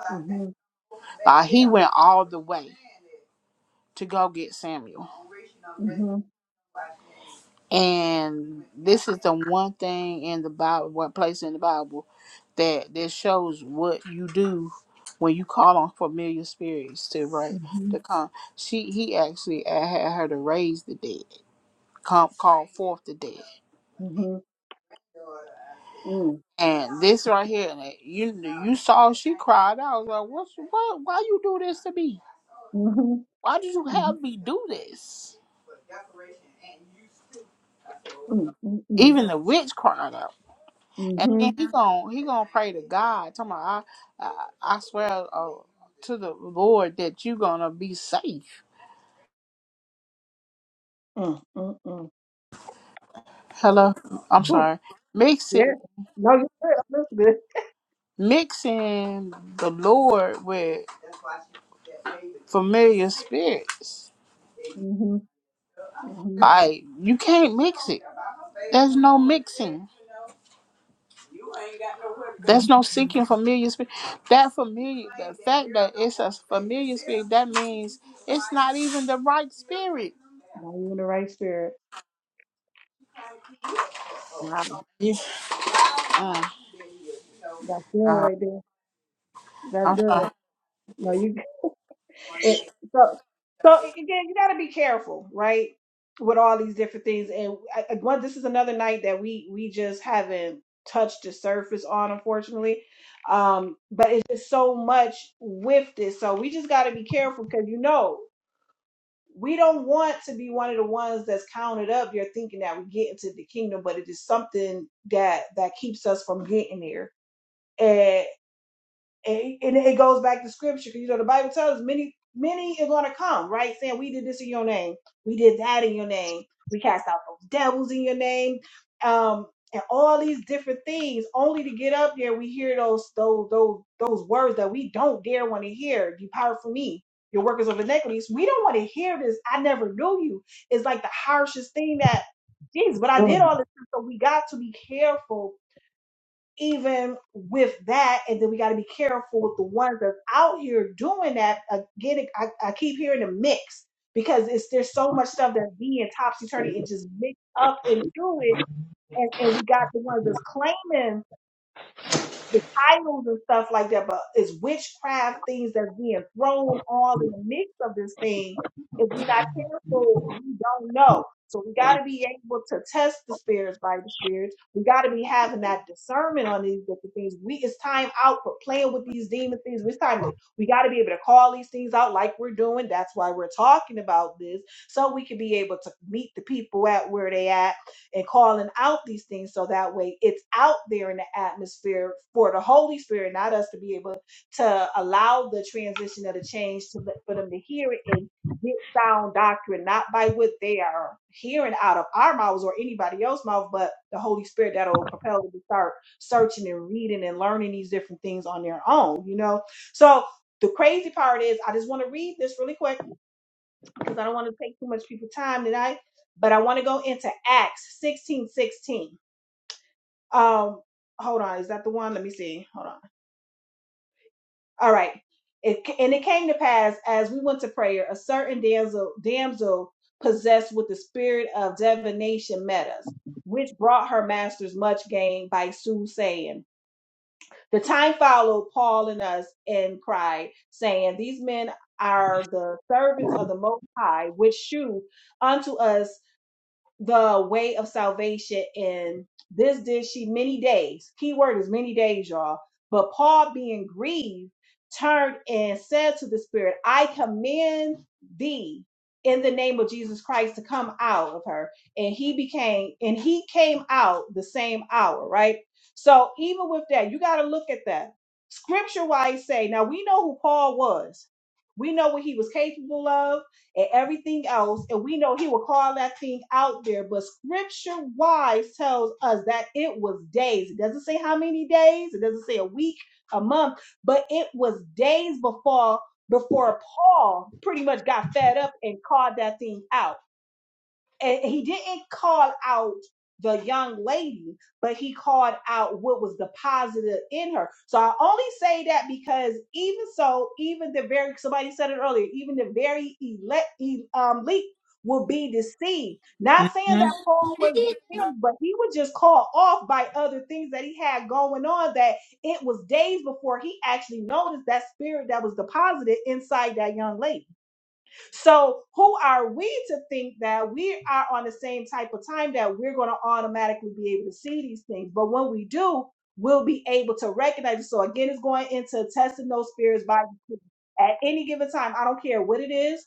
Mm. Uh, he went all the way to go get Samuel, Mhm. Mhm. and this is the one thing in the Bible, one place in the Bible that that shows what you do when you call on familiar spirits to right to Mhm. come. She he actually had her to raise the dead, come call forth the dead. Mhm. Mm. And this right here, and it- you you saw she cried. I was like, "What's what? Why you do this to me? Mhm. Why did you Mhm. have me do this?" Mm, mm, mm. Even the witch cried out, and then Mm-hmm. he gon' he gonna pray to God. Talking about, I I, I swear uh, to the Lord that you gonna be safe. Mm, mm, mm. Hello, I'm Ooh, sorry. yeah. Mixing No, you're good. That's good. listening. mixing the Lord with familiar spirits, Mm-hmm. Mm-hmm. like you can't mix it. There's no mixing. hmm There's no seeking familiar spirit. That familiar, the fact that it's a familiar spirit, that means it's not even the right spirit. Now you're in the right spirit. Wow. Yeah. Mm, That's good uh, right there. That's I'm good. sorry. No, you it, so so again, you gotta be careful, right? With all these different things. And I, I- one this is another night that we we just haven't touched the surface on, unfortunately. Um, but it's just so much with this. So we just gotta be careful because you know. we don't want to be one of the ones that's counted up You're thinking that we get into the kingdom but it is something that that keeps us from getting there And and, and it goes back to scripture because you know the Bible tells us many many are gonna come, right? Saying we did this in your name, we did that in your name, we cast out those devils in your name, um, and all these different things. Only to get up there, we hear those those those those words that we don't dare want to hear. Depart from me, your workers of iniquities. We don't want to hear this. I never knew you. It's like the harshest thing that. Jeez, but I did all this, so we got to be careful even with that, and then we got to be careful with the ones that's out here doing that. Again, I, I keep hearing a mix because it's there's so much stuff that's being topsy turvy and just mixed up into it, and, and we got the ones that's claiming the titles and stuff like that, but it's witchcraft things that's being thrown all in the mix of this thing. If we're not careful, we don't know. So we got to be able to test the spirits by the spirits. We got to be having that discernment on these different things. We it's time out for playing with these demon things. It's time to we got to be able to call these things out like we're doing. That's why we're talking about this, so we can be able to meet the people at where they at and calling out these things so that way it's out there in the atmosphere for the Holy Spirit, not us to be able to allow the transition of the change to let- for them to hear it and get sound doctrine, not by what they are hearing out of our mouths or anybody else's mouth, but the Holy Spirit that'll propel them to start searching and reading and learning these different things on their own, you know? So the crazy part is, I just want to read this really quick because I don't want to take too much people time tonight, but I want to go into Acts 16 16. Um, hold on, is that the one? Let me see. Hold on. All right. It, and it came to pass as we went to prayer, a certain damsel, damsel possessed with the spirit of divination met us, which brought her masters much gain by soothsaying. The time followed Paul and us and cried, saying, These men are the servants of the Most High, which shew unto us the way of salvation and this did she many days key word is many days y'all but paul being grieved turned and said to the spirit i command thee in the name of jesus christ to come out of her and he became and he came out the same hour right so even with that you got to look at that scripture wise say now we know who paul was we know what he was capable of and everything else. And we know he will call that thing out there. But scripture wise tells us that it was days. It doesn't say how many days, it doesn't say a week, a month, but it was days before before Paul pretty much got fed up and called that thing out and he didn't call out the young lady, but he called out what was the positive in her. So I only say that because even so, even the very somebody said it earlier, even the very elect e, um leak will be deceived. Not saying that hmm Paul was deceived, but he was just called off by other things that he had going on that it was days before he actually noticed that spirit that was deposited inside that young lady. So, who are we to think that we are on the same type of time that we're going to automatically be able to see these things? But when we do, we'll be able to recognize it. So, again, it's going into testing those spirits by the spirit. at any given time. I don't care what it is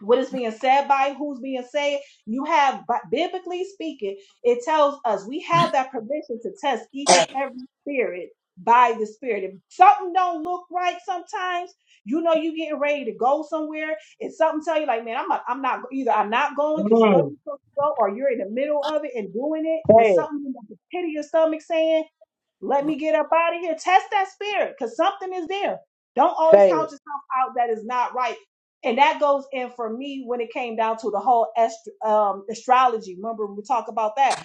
what is being said by who's being said you have bi- biblically speaking it tells us we have that permission to test each and every spirit by the spirit if something don't look right sometimes you know you getting ready to go somewhere and something tell you like man i'm not, I'm not either i'm not going because you know Mm, you're supposed to go or you're in the middle of it and doing it say but it, something in the pit of your stomach saying let me get up out of here. Test that spirit because something is there. Don't always say count it, yourself out that is not right and that goes in for me when it came down to the whole ast- um, astrology. Remember, we talk about that,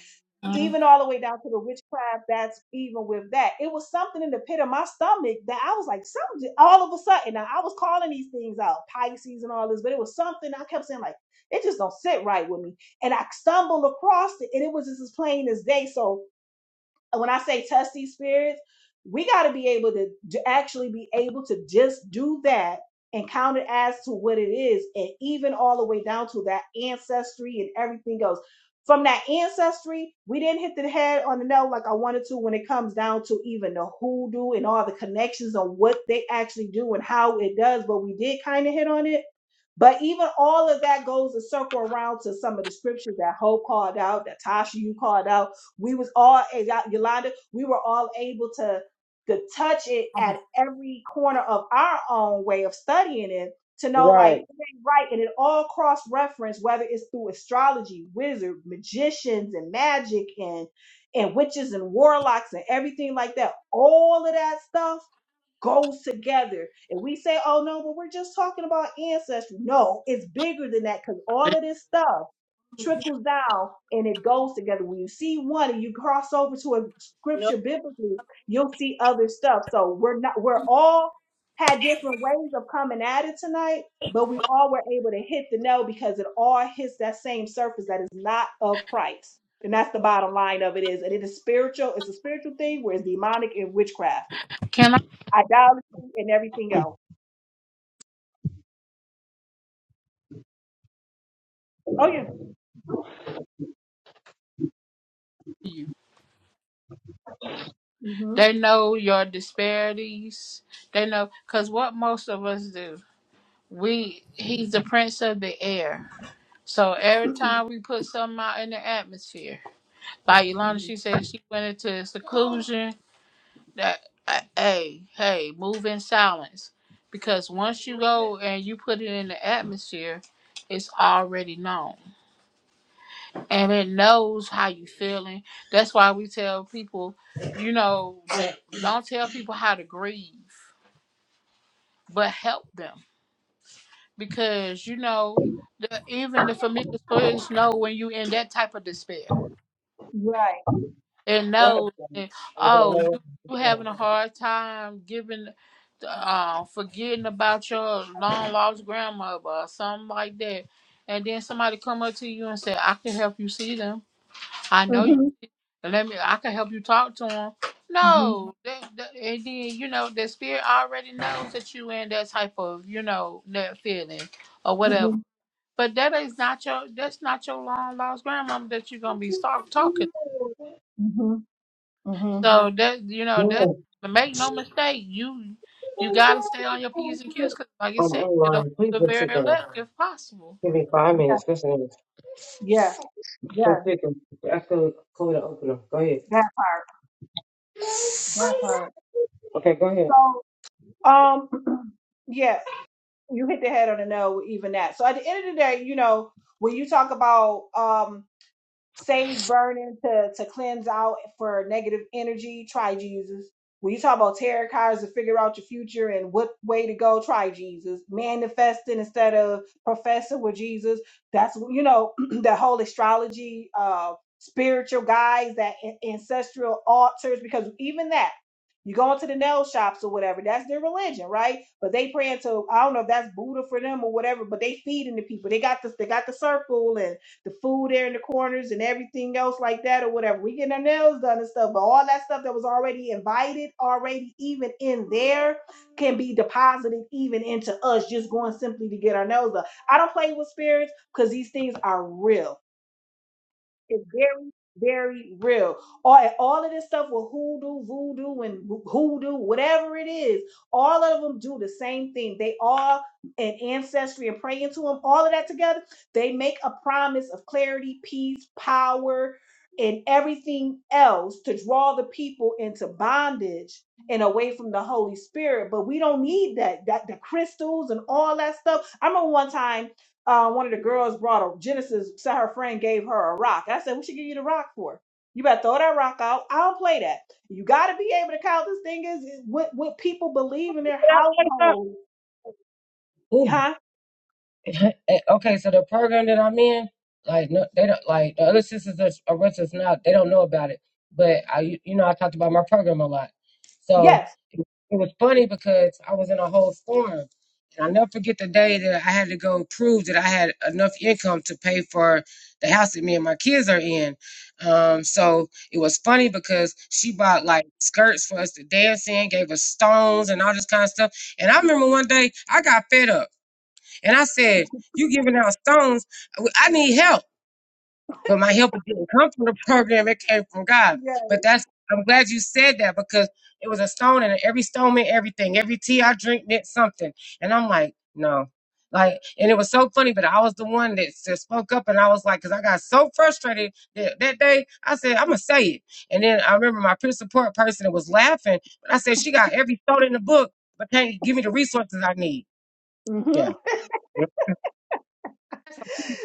Mhm. even all the way down to the witchcraft. That's even with that. It was something in the pit of my stomach that I was like, something. All of a sudden, now I was calling these things out, Pisces and all this, but it was something I kept saying like, it just don't sit right with me. And I stumbled across it, and it was just as plain as day. So when I say test these spirits, we got to be able to, to actually be able to just do that and count it as to what it is, and even all the way down to that ancestry and everything else. From that ancestry, we didn't hit the head on the nail like I wanted to when it comes down to even the hoodoo and all the connections on what they actually do and how it does, but we did kind of hit on it but even all of that goes a circle around to some of the scriptures that Hope called out, that Tasha you called out. We was all and Y- Yolanda, we were all able to to touch it at every corner of our own way of studying it to know like right. it ain't right and it all cross reference whether it's through astrology, wizard, magicians and magic and and witches and warlocks and everything like that. All of that stuff goes together. And we say, oh no, but we're just talking about ancestry. No, it's bigger than that because all of this stuff trickles down and it goes together. When you see one and you cross over to a scripture biblically, you'll see other stuff. So we're not we're all had different ways of coming at it tonight, but we all were able to hit the nail because it all hits that same surface that is not of Christ. And that's the bottom line of it is, and it is spiritual. It's a spiritual thing, whereas demonic and witchcraft Can I idolatry and everything else. Oh yeah. hear you? hmm They know your disparities. They know because what most of us do, we he's the prince of the air. So every hmm time we put something out in the atmosphere, like Ilana, she said she went into seclusion that uh, hey hey move in silence because once you go and you put it in the atmosphere it's already known and it knows how you feeling that's why we tell people you know that don't tell people how to grieve but help them because you know the, even the familiar spirits know when you in that type of despair Right. and know Mm, that oh you you having a hard time giving uh forgetting about your long lost grandmother or something like that and then somebody come up to you and say i can help you see them i know you hmm let me i can help you talk to them hmm no they, they- and then you know the spirit already knows that you in that type of you know that feeling or whatever hmm but that is not your that's not your long lost grandmama that you're gonna be start talking hmm hmm So that you know that mm, mm, make no mistake, you you gotta stay on your p's and q's because, like you said, you know, mm. Please the put sit very down. left if possible. Give me five minutes. Listen Yes. So Yes. quick and that's the code to open them. Go ahead. That part. That part. Okay, go ahead. So, um, yes, you hit the head on the nail with even that. So at the end of the day, you know, when you talk about, um sage burning to to cleanse out for negative energy. Try Jesus. When you talk about tarot cards to figure out your future and what way to go, try Jesus. Manifesting instead of professing with Jesus. That's you know the whole astrology, uh, spiritual guides, that an- ancestral altars. Because even that, you go into the nail shops or whatever. That's their religion, right? But they praying to I don't know if that's Buddha for them or whatever. But they feeding the people. They got this. They got the circle the food there in the corners and everything else like that or whatever. We getting our nails done and stuff, but all that stuff that was already invited, already even in there, can be deposited even into us just going simply to get our nails done. I don't play with spirits because these things are real. It's very, very real. All, all of this stuff with hoodoo, voodoo, and hoodoo, whatever it is, all of them do the same thing. They all, and ancestry and praying to them, all of that together, they make a promise of clarity, peace, power, and everything else to draw the people into bondage and away from the Holy Spirit. But we don't need that. That the crystals and all that stuff. I remember one time uh, one of the girls brought a Genesis, so her friend gave her a rock. I said, What she give you the rock for? You better throw that rock out. I don't play that. You got to be able to count this thing is, is what, what people believe in their Can I say household. something? Huh? okay, so the program that I'm in, like, no, they don't like the other sisters that's around us now. They don't know about it, but I, you you know, I talked about my program a lot, so Yes. it, it was funny because I was in a whole storm, and I never forget the day that I had to go prove that I had enough income to pay for the house that me and my kids are in. Um, so it was funny because she bought like skirts for us to dance in, gave us stones and all this kind of stuff. And I remember one day I got fed up. And I said, You giving out stones. I need help. But my help didn't come from the program, it came from God. Yes. But that's, I'm glad you said that because it was a stone and every stone meant everything. Every tea I drink meant something. And I'm like, No. Like, and it was so funny, but I was the one that, that spoke up and I was like, because I got so frustrated that, that day, I said, I'm going to say it. And then I remember my peer support person was laughing, but I said, She got every stone in the book, but can't give me the resources I need. hmm Yeah.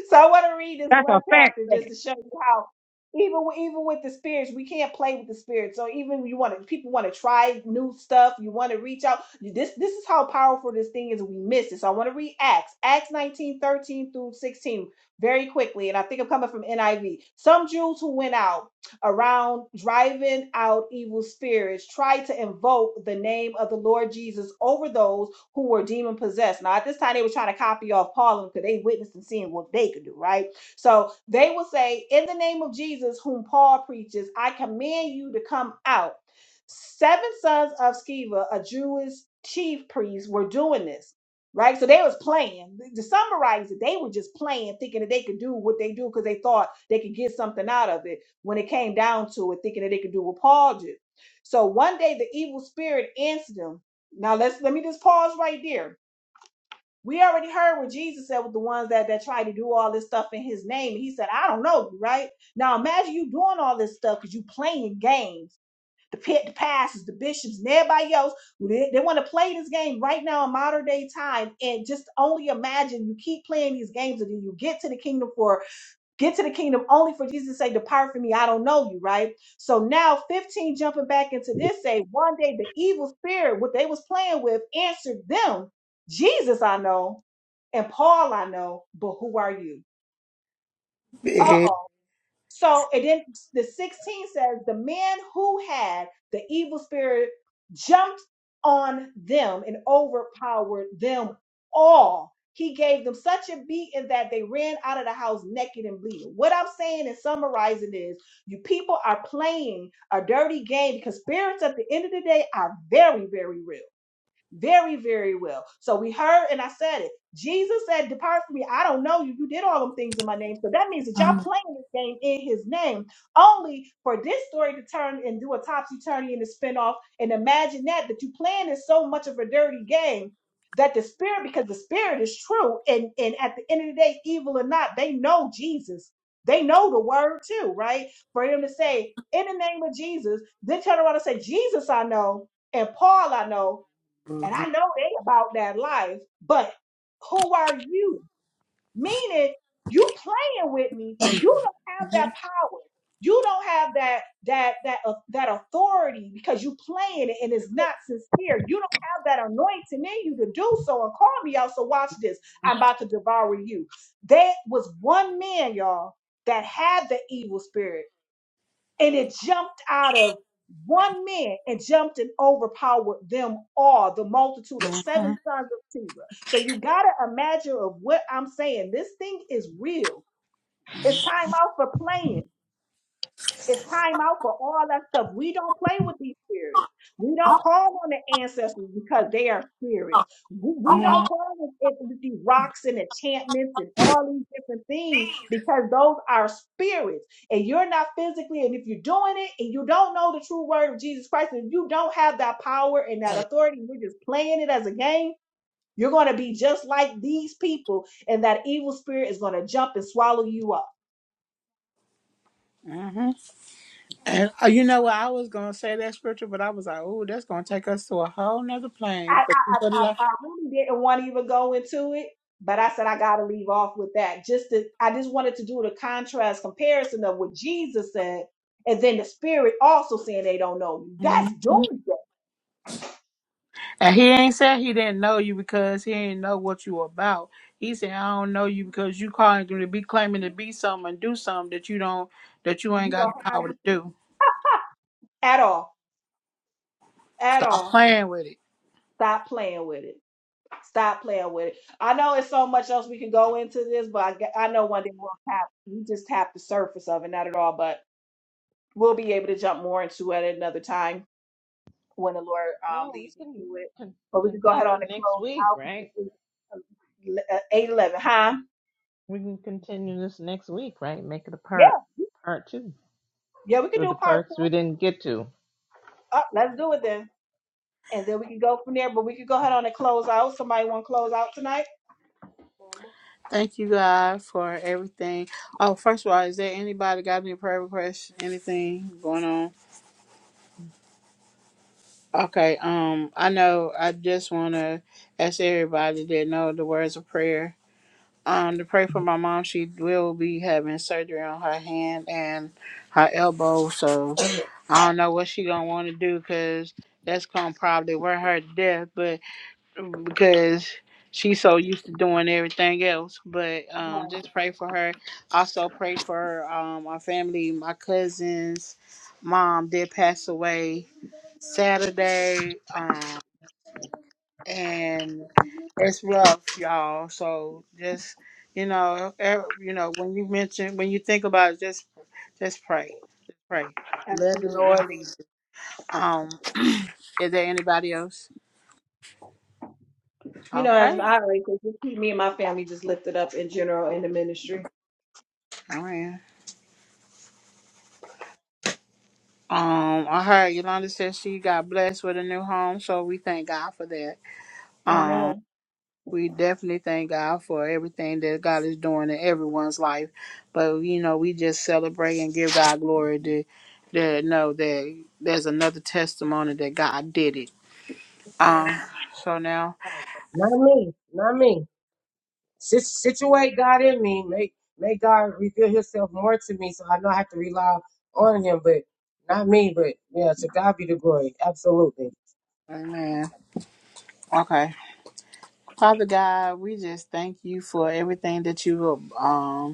so I want to read this one chapter just to show you how even with- even with the spirits, we can't play with the spirits. So even you want to people want to try new stuff, you want to reach out. You- This this is how powerful this thing is. We miss it. So I want to read Acts, Acts 19 13 through 16 very quickly. And I think I'm coming from NIV. Some Jews who went out around driving out evil spirits tried to invoke the name of the Lord Jesus over those who were demon possessed. Now, at this time, they were trying to copy off Paul because they witnessed and seeing what they could do, right? So they would say, In the name of Jesus, whom Paul preaches, I command you to come out. Seven sons of Sceva, a Jewish chief priest, were doing this. Right, so they was playing. To summarize it, they were just playing, thinking that they could do what they do because they thought they could get something out of it. When it came down to it, thinking that they could do what Paul did. So one day the evil spirit answered them. Now let's let me just pause right there. We already heard what Jesus said with the ones that that tried to do all this stuff in His name. He said, "I don't know you, right?" Now imagine you doing all this stuff because you playing games. The pit, the pastors, the bishops, and everybody else they, they want to play this game right now in modern day time. And just only imagine you keep playing these games until you get to the kingdom for Get to the kingdom only for Jesus' to say, Depart from me. I don't know you, right? So now 15 jumping back into this say one day the evil spirit, what they was playing with, answered them, Jesus I know, and Paul I know, but who are you? Yeah. Uh-oh. So and then the 16 says the man who had the evil spirit jumped on them and overpowered them all. He gave them such a beating that they ran out of the house naked and bleeding. What I'm saying and summarizing is you people are playing a dirty game because spirits at the end of the day are very, very real very, very well. So we heard, and I said it. Jesus said, Depart from me. I don't know you. You did all them things in my name. So that means that y'all Uh-uh. playing this game in his name, only for this story to turn and do a topsy turvy and a spinoff. And imagine that, that you playing is so much of a dirty game that the spirit, because the spirit is true. And, and at the end of the day, evil or not, they know Jesus. They know the word too, right? For him to say, in the name of Jesus, then turn around and say, Jesus, I know, and Paul, I know and I know they about that life, but who are you? Meaning you playing with me. You don't have that power. You don't have that that that uh, that authority because you playing it and it's not sincere. You don't have that anointing in you to do so and call me out. So watch this. I'm about to devour you. There was one man, y'all, that had the evil spirit and it jumped out of one man and jumped and overpowered them all, the multitude of seven sons of Sceva. So you gotta imagine of what I'm saying. This thing is real. It's time out for playing. It's time out for all that stuff. We don't play with these spirits. We don't call on the ancestors because they are spirits. We we don't call on it with these rocks and enchantments and all these different things because those are spirits. And you're not physically, and if you're doing it and you don't know the true word of Jesus Christ, and you don't have that power and that authority, and you're just playing it as a game, you're going to be just like these people, and that evil spirit is going to jump and swallow you up. Mm-hmm. And uh, you know what? I was gonna say that scripture, but I was like, "Oh, that's gonna take us to a whole nother I, I, plane." But you put it I, out. I really didn't want to even go into it, but I said I got to leave off with that. Just to, I just wanted to do the contrast comparison of what Jesus said, and then the Spirit also saying they don't know you. That's Mhm. doomsday. And he ain't said he didn't know you because he ain't know what you about. He said, "I don't know you because you calling to be claiming to be something and do something that you don't that you ain't You got don't the have power to it do." at all, at Stop all. playing with it. Stop playing with it. Stop playing with it. I know it's so much else we can go into this, but I, g- I know one day we'll tap. We just tap the surface of it, not at all, but we'll be able to jump more into it at another time when the Lord um, Oh, we leads us can to it. con- But we can go ahead on continue and next close week, out right? because it's eight eleven, huh? We can continue this next week, right? Make it a Yeah, part part two. yeah, we can So the do part parts two. we didn't get to. Uh, let's do it then, and then we can go from there. But we can go ahead on and close out. Somebody want to close out tonight? Thank you, God, for everything. Oh, first of all, is there anybody got any prayer requests? Anything going on? Okay. Um, I know. I just want to ask everybody that know the words of prayer. Um, to pray for my mom. She will be having surgery on her hand and her elbow. So I don't know what she gonna want to do because that's gonna probably wear her to death. because she's so used to doing everything else. But um, just pray for her. Also pray for um, our family. My cousin's mom did pass away Saturday, um, and it's rough, y'all. So just you know, er, you know when you mention when you think about it, just just pray, just pray. Let the Absolutely. Lord lead. you. Um, is there anybody else? You know, as Okay, I already said, just keep me and my family just lifted up in general in the ministry. all right. Um, I heard Yolanda said she got blessed with a new home, so we thank God for that. Um, Amen. we definitely thank God for everything that God is doing in everyone's life. But you know, we just celebrate and give God glory to, to know that there's another testimony that God did it. Um, so now, Right. Not me. Not me. Sit, situate God in me. Make make God reveal Himself more to me, so I know I have to rely on Him. But not me. But yeah, to God be the glory. Absolutely. Amen. Okay, Father God, we just thank you for everything that you have. Um,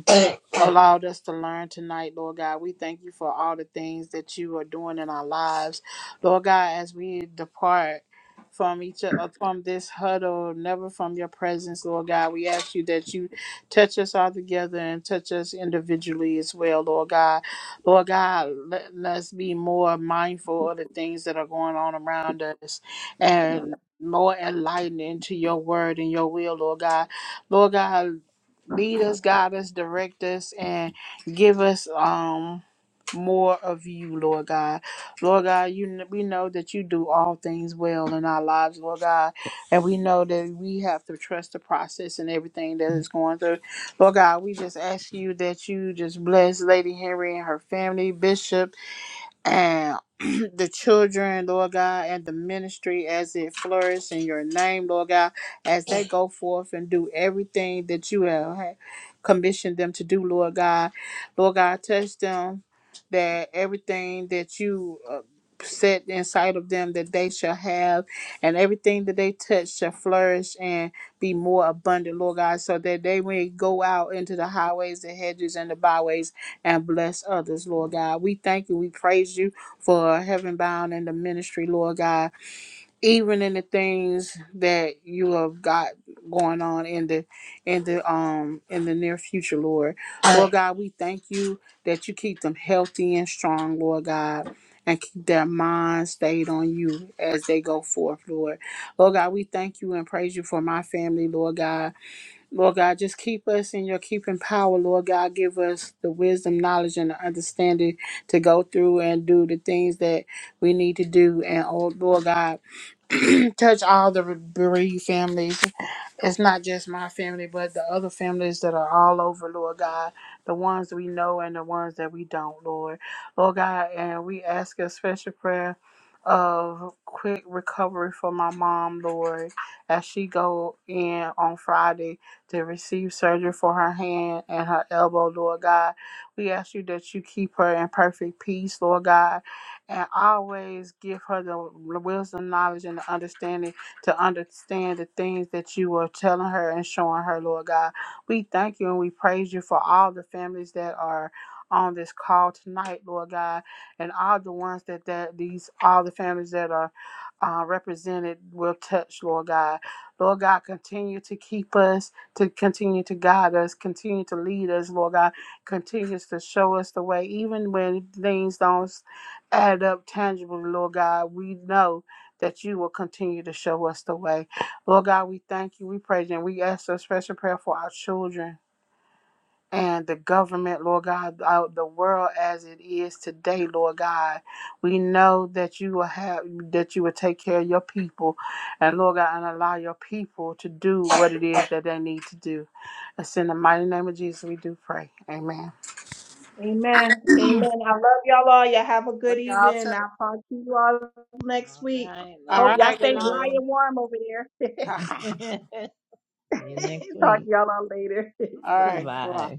allowed us to learn tonight, Lord God. We thank you for all the things that you are doing in our lives, Lord God. As we depart from each uh, from this huddle, never from your presence, Lord God. We ask you that you touch us all together and touch us individually as well, Lord God. Lord God, let us be more mindful of the things that are going on around us and more enlightened into your word and your will, Lord God. Lord God lead us, guide us, direct us, and give us um more of you, Lord God. Lord God, you kn- we know that you do all things well in our lives, Lord God, and we know that we have to trust the process and everything that is going through. Lord God, we just ask you that you just bless Lady Henry and her family, Bishop and the children, Lord God, and the ministry as it flourishes in your name, Lord God, as they go forth and do everything that you have ha- commissioned them to do, Lord God. Lord God, touch them that everything that you uh, set inside of them that they shall have and everything that they touch shall flourish and be more abundant lord god so that they may go out into the highways the hedges and the byways and bless others, Lord God. We thank you. We praise you for heaven bound in the ministry, Lord God. Even in the things that you have got going on in the in the um in the near future, Lord. Lord God, we thank you that you keep them healthy and strong, Lord God. And keep their minds stayed on you as they go forth, Lord. Lord God, we thank you and praise you for my family, Lord God Lord God, just keep us in your keeping power. Lord God, give us the wisdom, knowledge, and the understanding to go through and do the things that we need to do. And oh, Lord God, touch all the bereaved families. It's not just my family, but the other families that are all over, Lord God, the ones we know and the ones that we don't, Lord. Lord God, and we ask a special prayer of quick recovery for my mom, Lord, as she go in on Friday to receive surgery for her hand and her elbow, Lord God. We ask you that you keep her in perfect peace, Lord God and always give her the wisdom, knowledge, and the understanding to understand the things that you are telling her and showing her, Lord God. We thank you and we praise you for all the families that are on this call tonight, Lord God, and all the ones that, that these all the families that are uh, represented will touch, Lord God. Lord God, continue to keep us, to continue to guide us, continue to lead us, Lord God, continues to show us the way, even when things don't add up tangibly, Lord God. We know that you will continue to show us the way. Lord God, we thank you, we praise you, and we ask a special prayer for our children and the government, Lord God, out the world as it is today, Lord God. We know that you will have that you will take care of your people and Lord God and allow your people to do what it is that they need to do. It's in the mighty name of Jesus we do pray. Amen. Amen. Amen. I love y'all all. Y'all have a Love good y'all too. evening. I'll talk to you all next All week. right, All love Hope you y'all right, stay good dry too. and warm over there. night. See you next Talk week. to y'all all later. All Bye-bye. right. Bye.